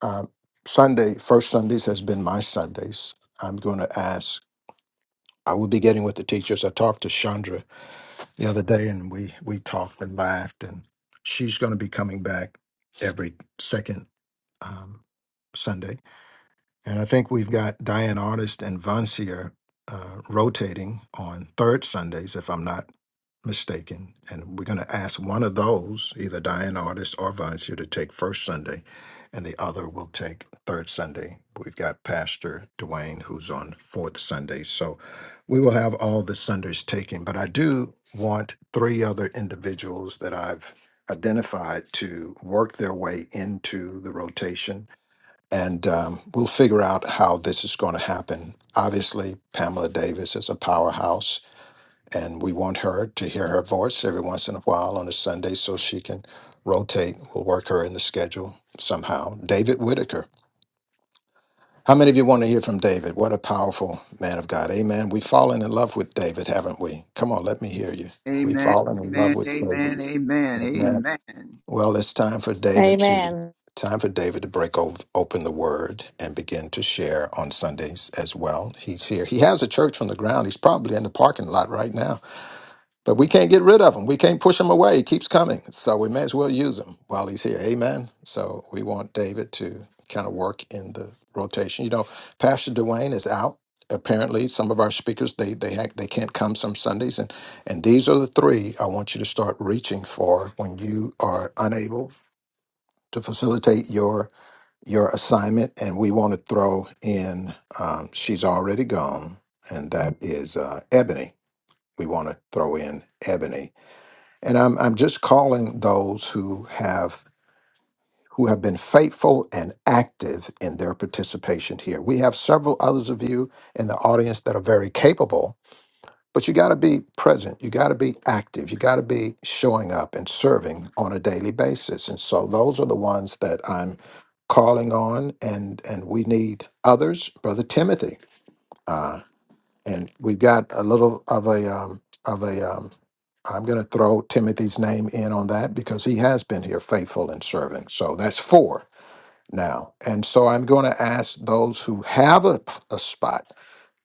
E: Um, Sunday, first Sundays has been my Sundays. I'm going to ask. I will be getting with the teachers. I talked to Chandra the other day, and we we talked and laughed. And she's going to be coming back every second um, Sunday. And I think we've got Diane Artist and Vancier uh, rotating on third Sundays, if I'm not mistaken. And we're going to ask one of those, either Diane Artist or Vancier, to take first Sunday, and the other will take third Sunday. We've got Pastor Dwayne, who's on fourth Sunday. So we will have all the Sundays taken. But I do want three other individuals that I've identified to work their way into the rotation and um, we'll figure out how this is going to happen. Obviously, Pamela Davis is a powerhouse, and we want her to hear her voice every once in a while on a Sunday so she can rotate. We'll work her in the schedule somehow. David Whitaker. How many of you want to hear from David? What a powerful man of God. Amen. We've fallen in love with David, haven't we? Come on, let me hear you. We've
C: Amen.
E: fallen in love
C: Amen.
E: with
C: Amen. Amen.
E: David.
C: Amen.
E: Well, it's time for David to
A: Amen.
E: time for David to break over, open the Word and begin to share on Sundays as well. He's here. He has a church on the ground. He's probably in the parking lot right now, but we can't get rid of him. We can't push him away. He keeps coming, so we may as well use him while he's here. Amen. So we want David to kind of work in the rotation. You know, Pastor Dwayne is out. Apparently, some of our speakers they they ha- they can't come some Sundays, and and these are the three I want you to start reaching for when you are unable to facilitate your your assignment, and we want to throw in. Um, she's already gone, and that is uh, Ebony. We want to throw in Ebony, and I'm I'm just calling those who have who have been faithful and active in their participation here. We have several others of you in the audience that are very capable but you got to be present. You got to be active. You got to be showing up and serving on a daily basis. And so those are the ones that I'm calling on, and and we need others, Brother Timothy. Uh, and we've got a little of a um, of a. Um, I'm going to throw Timothy's name in on that because he has been here faithful and serving. So that's four now. And so I'm going to ask those who have a, a spot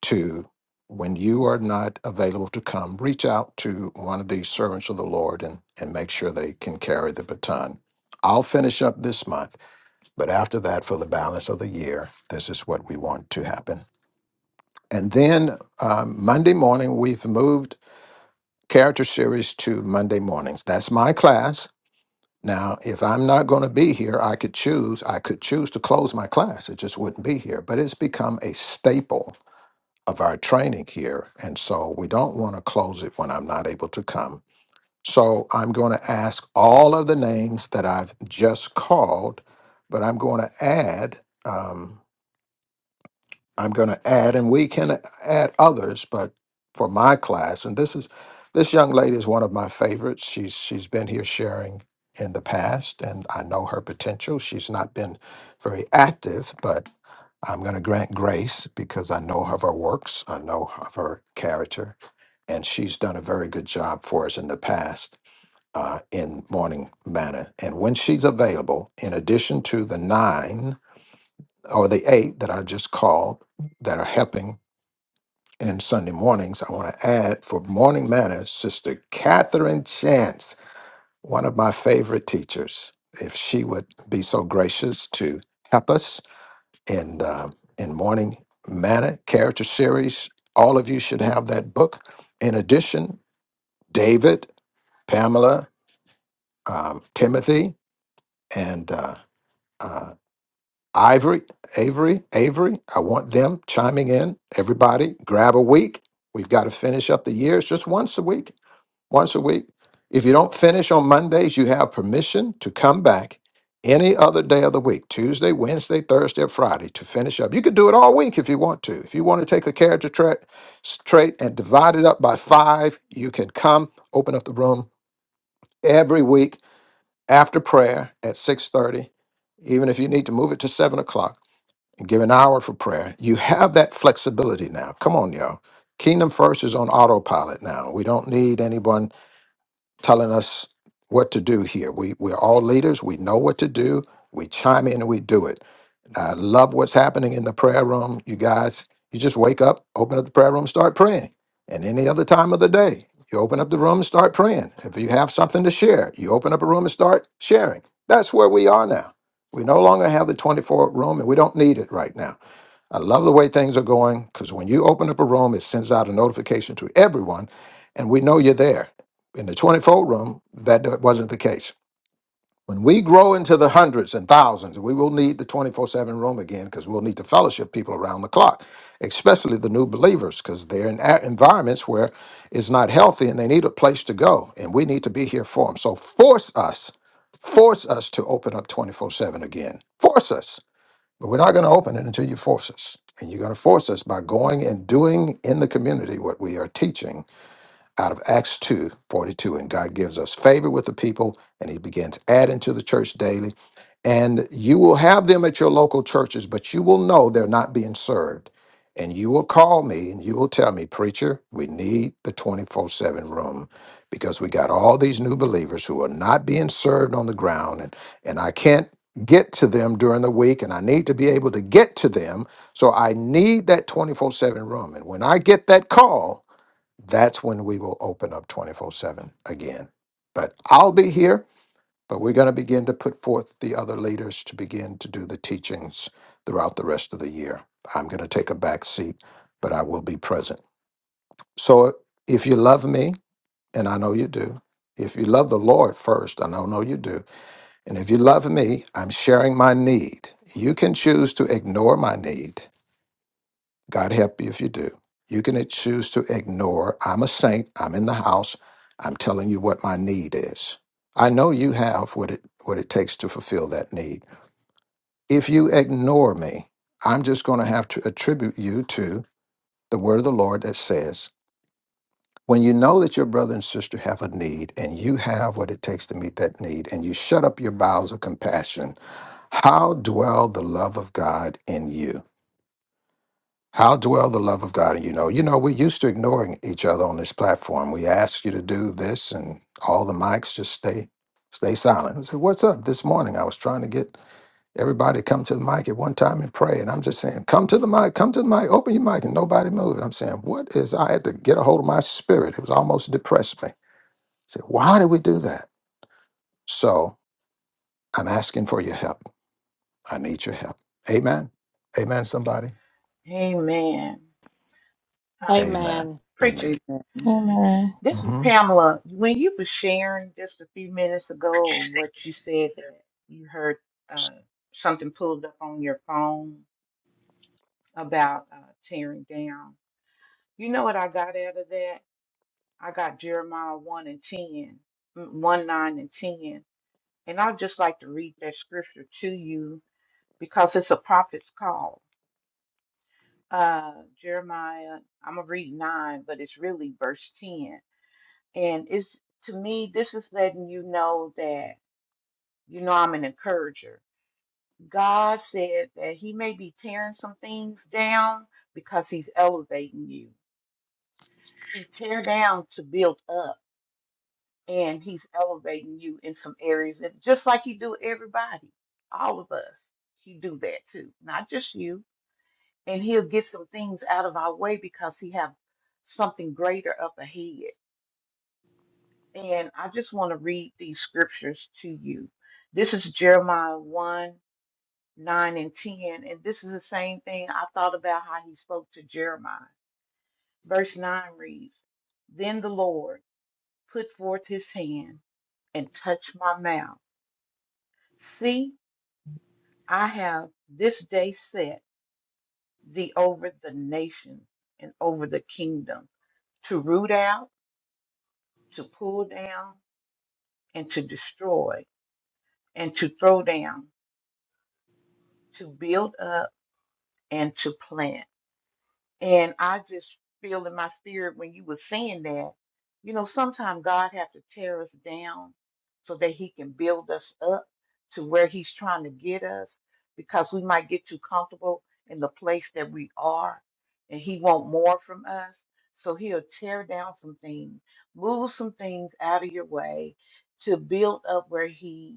E: to when you are not available to come, reach out to one of these servants of the Lord and, and make sure they can carry the baton. I'll finish up this month, but after that, for the balance of the year, this is what we want to happen. And then um, Monday morning, we've moved character series to Monday mornings. That's my class. Now, if I'm not going to be here, I could choose. I could choose to close my class. It just wouldn't be here. But it's become a staple of our training here. And so we don't want to close it when I'm not able to come. So I'm going to ask all of the names that I've just called, but I'm going to add. um, I'm going to add, and we can add others, but for my class, and this is this young lady is one of my favorites. She's she's been here sharing in the past, and I know her potential. She's not been very active, but I'm going to grant grace because I know of her works, I know of her character, and she's done a very good job for us in the past uh, in Morning Manna. And when she's available, in addition to the nine or the eight that I just called that are helping in Sunday mornings, I want to add for morning manna, Sister Catherine Chance, one of my favorite teachers. If she would be so gracious to help us in uh, in morning manna character series, all of you should have that book. In addition, David, Pamela, um, Timothy, and uh, uh, Ivory, Avery, Avery, I want them chiming in. Everybody, grab a week. We've got to finish up the years just once a week. Once a week. If you don't finish on Mondays, you have permission to come back any other day of the week Tuesday, Wednesday, Thursday, or Friday to finish up. You could do it all week if you want to. If you want to take a character tra- s- trait and divide it up by five, you can come open up the room every week after prayer at 6 30, even if you need to move it to seven o'clock and give an hour for prayer. You have that flexibility now. Come on, y'all. Kingdom First is on autopilot now. We don't need anyone telling us what to do here. We, we're all leaders. We know what to do. We chime in and we do it. I love what's happening in the prayer room. You guys, you just wake up, open up the prayer room, start praying. And any other time of the day, you open up the room and start praying. If you have something to share, you open up a room and start sharing. That's where we are now. We no longer have the 24 room and we don't need it right now. I love the way things are going because when you open up a room, it sends out a notification to everyone, and we know you're there. In the 24 room, that d- wasn't the case. When we grow into the hundreds and thousands, we will need the 24 7 room again because we'll need to fellowship people around the clock, especially the new believers because they're in a- environments where it's not healthy and they need a place to go, and we need to be here for them. So force us, force us to open up 24 7 again. Force us. But we're not going to open it until you force us. And you're going to force us by going and doing in the community what we are teaching out of Acts 2 42, And God gives us favor with the people, and He begins adding to the church daily. And you will have them at your local churches, but you will know they're not being served. And you will call me and you will tell me, Preacher, we need the 24 7 room because we got all these new believers who are not being served on the ground. And, and I can't get to them during the week, and I need to be able to get to them. So I need that 24 7 room. And when I get that call, that's when we will open up 24 7 again. But I'll be here, but we're going to begin to put forth the other leaders to begin to do the teachings throughout the rest of the year. I'm going to take a back seat, but I will be present. So if you love me, and I know you do, if you love the Lord first, and I know you do, and if you love me, I'm sharing my need. You can choose to ignore my need God help you if you do. You can choose to ignore. I'm a saint. I'm in the house. I'm telling you what my need is. I know you have what it what it takes to fulfill that need. If you ignore me, I'm just going to have to attribute you to the word of the Lord that says, when you know that your brother and sister have a need and you have what it takes to meet that need and you shut up your bowels of compassion, how dwell the love of God in you? How dwell the love of God in you know? You know, we're used to ignoring each other on this platform. We ask you to do this and all the mics just stay stay silent. I said, What's up? This morning I was trying to get everybody to come to the mic at one time and pray. And I'm just saying, come to the mic, come to the mic, open your mic, and nobody moved. I'm saying, what is I had to get a hold of my spirit. It was almost depressed me. I said, why did we do that? So I'm asking for your help. I need your help. Amen. Amen, somebody.
H: amen uh,
E: Amen.
A: Amen.
H: preacher
E: Amen.
C: Amen.
F: Amen.
H: This is
E: Mm-hmm.
H: Pamela. When you were sharing just a few minutes ago of what you said that you heard uh, something pulled up on your phone about uh, tearing down, you know what I got out of that? I got Jeremiah 1 and 10, mm, 1, 9 and 10. And I'd just like to read that scripture to you because it's a prophet's call. Uh, Jeremiah, I'm going to read 9, but it's really verse 10. And it's to me, this is letting you know that. You know, I'm an encourager. God said that He may be tearing some things down because He's elevating you. He tear down to build up, and He's elevating you in some areas, that, just like He do everybody, all of us. He do that too, not just you. And He'll get some things out of our way because He have something greater up ahead. And I just want to read these scriptures to you. This is Jeremiah one. 9 and 10. And this is the same thing I thought about how he spoke to Jeremiah. Verse 9 reads Then the Lord put forth his hand and touched my mouth. See, I have this day set thee over the nation and over the kingdom to root out, to pull down, and to destroy, and to throw down, to build up, and to plant And I just feel in my spirit when you were saying that, you know, sometimes God has to tear us down so that he can build us up to where he's trying to get us because we might get too comfortable in the place that we are and he want more from us. So he'll tear down some things, move some things out of your way to build up where he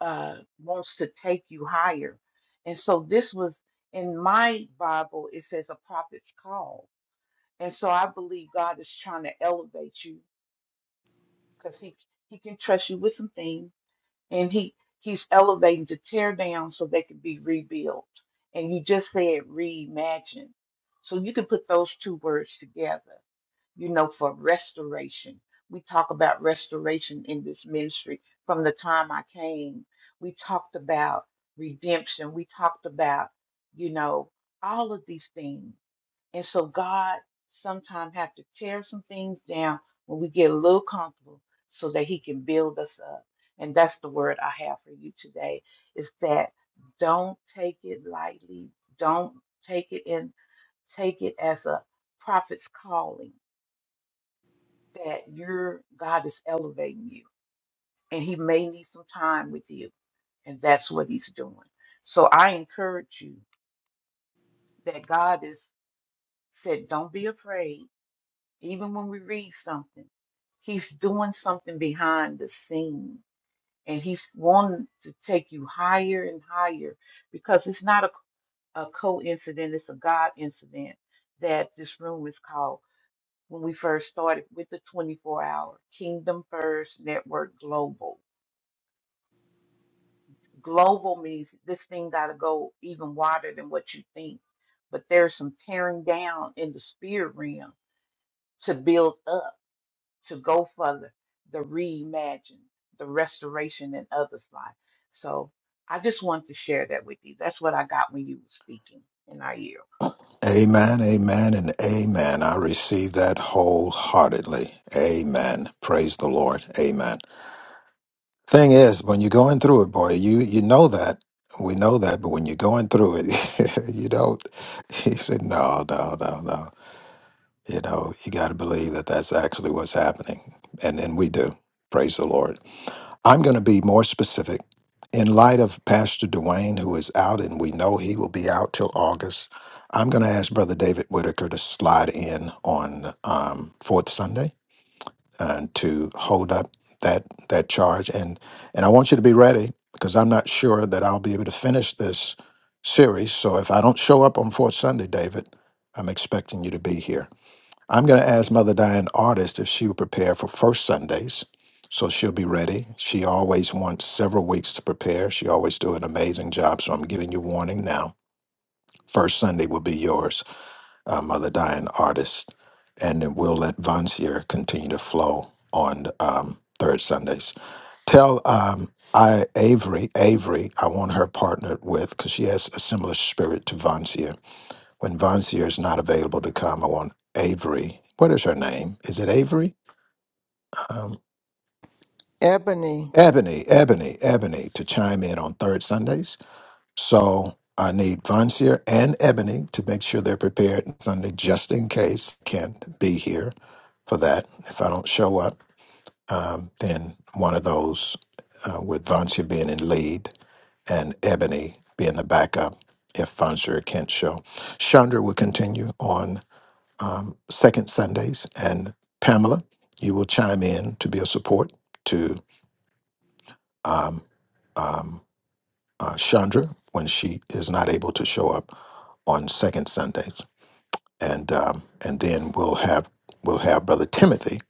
H: uh, wants to take you higher. And so this was in my Bible, it says a prophet's call. And so I believe God is trying to elevate you because he, he can trust you with some things and he, he's elevating to tear down so they can be rebuilt. And you just said reimagine. So you can put those two words together you know, for restoration. We talk about restoration in this ministry from the time I came. We talked about redemption. We talked about, you know, all of these things. And so God sometimes have to tear some things down when we get a little comfortable so that he can build us up. And that's the word I have for you today is that don't take it lightly. Don't take it in take it as a prophet's calling that your God is elevating you and he may need some time with you and that's what he's doing. So I encourage you that God is said don't be afraid even when we read something. He's doing something behind the scene and he's wanting to take you higher and higher because it's not a, a coincidence, it's a God incident that this room is called when we first started with the 24 hour Kingdom First Network Global Global means this thing got to go even wider than what you think. But there's some tearing down in the spirit realm to build up, to go further, the reimagine, the restoration in others' life. So I just want to share that with you. That's what I got when you were speaking in our year.
E: Amen, amen, and amen. I receive that wholeheartedly. Amen. Praise the Lord. Amen. Thing is, when you're going through it, boy, you you know that. We know that, but when you're going through it, you don't. He said, no, no, no, no. You know, you got to believe that that's actually what's happening. And then we do. Praise the Lord. I'm going to be more specific. In light of Pastor Dwayne, who is out and we know he will be out till August, I'm going to ask Brother David Whitaker to slide in on um, Fourth Sunday and to hold up that that charge. And and I want you to be ready because I'm not sure that I'll be able to finish this series. So if I don't show up on Fourth Sunday, David, I'm expecting you to be here. I'm going to ask Mother Diane Artist if she would prepare for first Sundays. So she'll be ready. She always wants several weeks to prepare. She always do an amazing job. So I'm giving you warning now. First Sunday will be yours, uh, Mother Diane Artist. And then we'll let Vancier continue to flow on um, third Sundays. Tell um, I Avery, Avery, I want her partnered with because she has a similar spirit to Vancier when Von Seer is not available to come, I want Avery. What is her name? Is it Avery? Um,
F: Ebony.
E: Ebony, Ebony, Ebony to chime in on third Sundays. So I need Von Seer and Ebony to make sure they're prepared on Sunday just in case I can't be here for that. If I don't show up, um, then one of those uh, with Von Seer being in lead and Ebony being the backup if Von Seer can't show. Chandra will continue on um, second Sundays. And Pamela, you will chime in to be a support to um, um, uh, Chandra when she is not able to show up on second Sundays. And um, and then we'll have we'll have Brother Timothy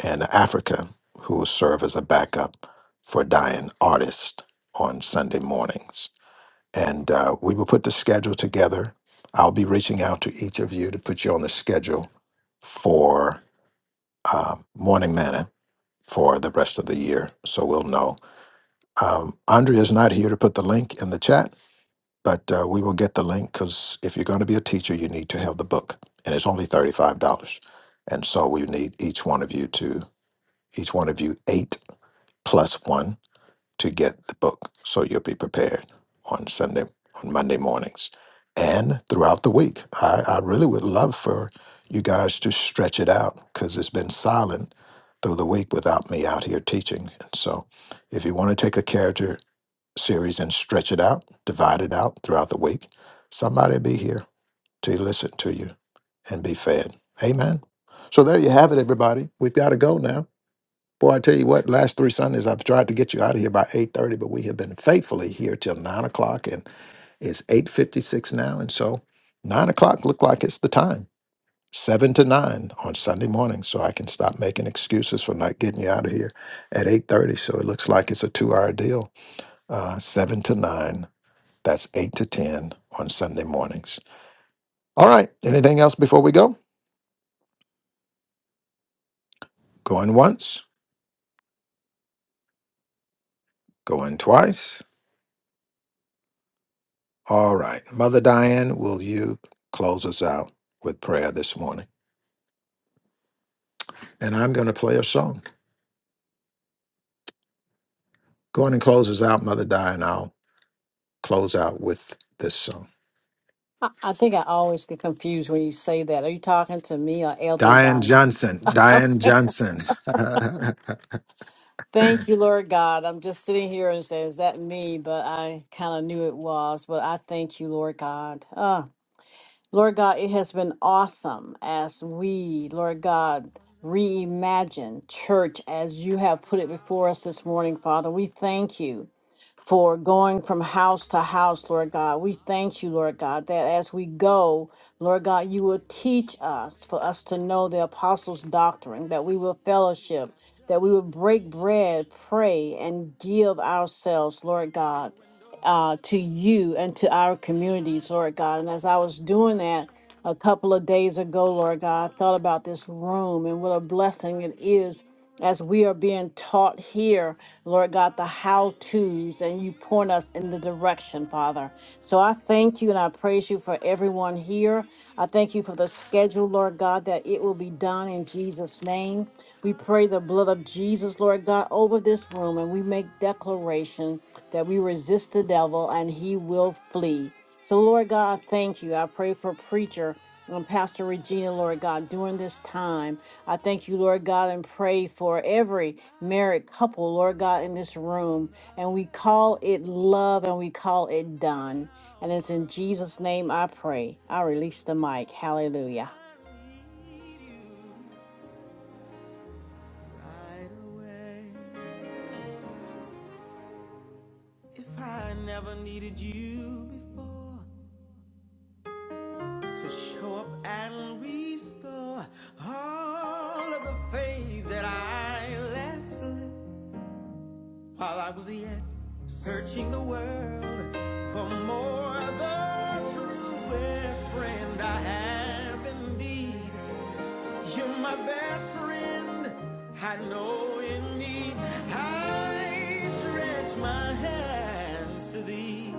E: and Africa who will serve as a backup for Dying Artist on Sunday mornings. And uh, we will put the schedule together. I'll be reaching out to each of you to put you on the schedule for um, Morning Manna for the rest of the year. So we'll know. Um, Andrea is not here to put the link in the chat, but uh, we will get the link because if you're going to be a teacher, you need to have the book, and it's only thirty-five dollars. And so we need each one of you to each one of you eight plus one to get the book so you'll be prepared on Sunday, on Monday mornings, and throughout the week. I, I really would love for you guys to stretch it out because it's been silent through the week without me out here teaching. And so, if you want to take a character series and stretch it out, divide it out throughout the week, somebody be here to listen to you and be fed. Amen. So, there you have it, everybody. We've got to go now. Boy, I tell you what, last three Sundays I've tried to get you out of here by 8:30, but we have been faithfully here till nine o'clock and it's 8:56 now. And so nine o'clock looked like it's the time. Seven to nine on Sunday morning. So I can stop making excuses for not getting you out of here at 8:30. So it looks like it's a two-hour deal. Uh, seven to nine. That's eight to ten on Sunday mornings. All right. Anything else before we go? Going once, going twice. All right. Mother Diane, will you close us out with prayer this morning? And I'm going to play a song. Go on and close us out, Mother Diane. I'll close out with this song.
A: I, I think I always get confused when you say that. Are you talking to me or Elder
E: Diane
A: Don?
E: Johnson,
A: Oh,
E: Diane Johnson.
A: Thank you, Lord God. I'm just sitting here and saying, is that me? But I kind of knew it was. But I thank you, Lord God. Ah. Lord God, it has been awesome as we, Lord God, reimagine church as you have
D: Not an
A: put it before
D: hour,
A: us this morning, Father. We
D: another day.
A: thank you for
D: But
A: going
D: at
A: from
D: this
A: house to house,
D: moment,
A: Lord
D: with my
A: God. We thank you, Lord
D: arms
A: God, that as we
D: outstretched,
A: go, Lord God, you
D: I
A: will
D: need
A: teach
D: you to
A: us for
D: make
A: us to know
D: a
A: the apostles'
D: way
A: doctrine, that
D: as
A: we will
D: you
A: fellowship,
D: have
A: that
D: done
A: we will
D: so
A: break
D: many
A: bread,
D: times.
A: pray, and give ourselves, Lord God
D: Through a door
A: uh,
D: and
A: to
D: open
A: you and
D: door,
A: to our
D: I
A: communities, Lord God.
D: stretch
A: And as I was doing
D: my
A: that a
D: hands to
A: couple of
D: thee.
A: days ago, Lord God, I
D: Come
A: thought about
D: rescue
A: this
D: me.
A: room and what a blessing
D: I
A: it
D: need
A: is
D: you right
A: as we are being taught
D: away.
A: here, Lord God, the
D: I
A: how to's and
D: need
A: you point
D: you
A: us in the direction, Father. Father. So
D: now.
A: I thank you and I praise you for
D: I
A: everyone here.
D: need you
A: I thank you for the schedule, Lord God, that
D: now.
A: it will be done in Jesus' name. We pray the
D: I
A: blood of Jesus,
D: need
A: Lord
D: you
A: God, over
D: now.
A: this
D: I
A: room and we make
D: need
A: declaration that we resist the devil and he will flee. So, Lord God, thank you. I pray for preacher and Pastor Regina, Lord God, during this time. I thank you,
D: you
A: Lord God, and pray for
D: now.
A: every
D: Not
A: married
D: another
A: couple, Lord God, in
D: second
A: this
D: or
A: room. And
D: another
A: we call it
D: minute,
A: love and we call it
D: not an
A: done. And
D: hour
A: it's in
D: of
A: Jesus'
D: another
A: name I
D: day.
A: pray. I
D: But
A: release the mic.
D: Lord,
A: Hallelujah.
D: I need you right away. If I never needed you before to show up and restore all of the faith that I left slip while I was yet searching the world for more, the truest friend I have indeed. You're my best friend I know in need. I stretch my hands to thee.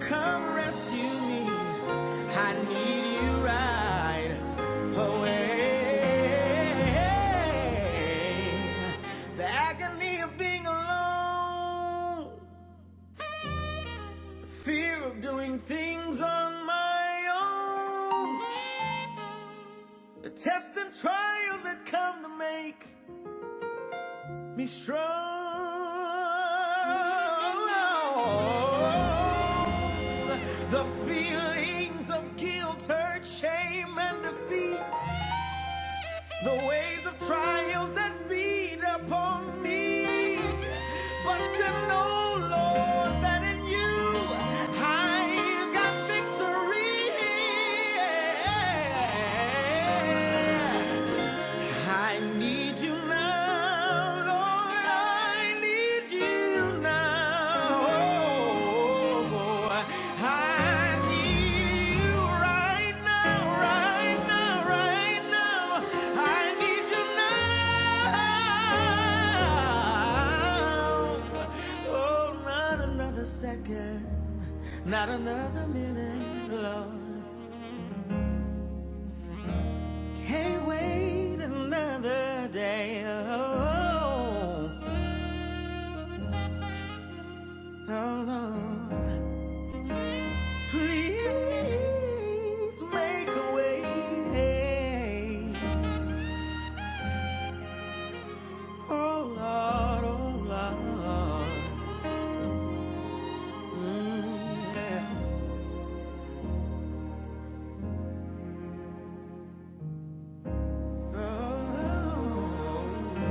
D: Come rescue me. I need you right away. The agony of being alone, the fear of doing things on my own, the tests and trials that come to make me strong. The feelings of guilt, hurt, shame, and defeat. the waves of trials that beat upon me. But to know, Lord, that in you I've got victory. Yeah. I need you now, Lord. I need you now. Oh, I need you right now, right now, right now. I need you now. Oh, not another second, not another minute, Lord. Hey, wait another day. Oh, oh, no. Please make a way. Hey. Oh, Lord, oh, Lord. Mm, yeah. Oh, oh,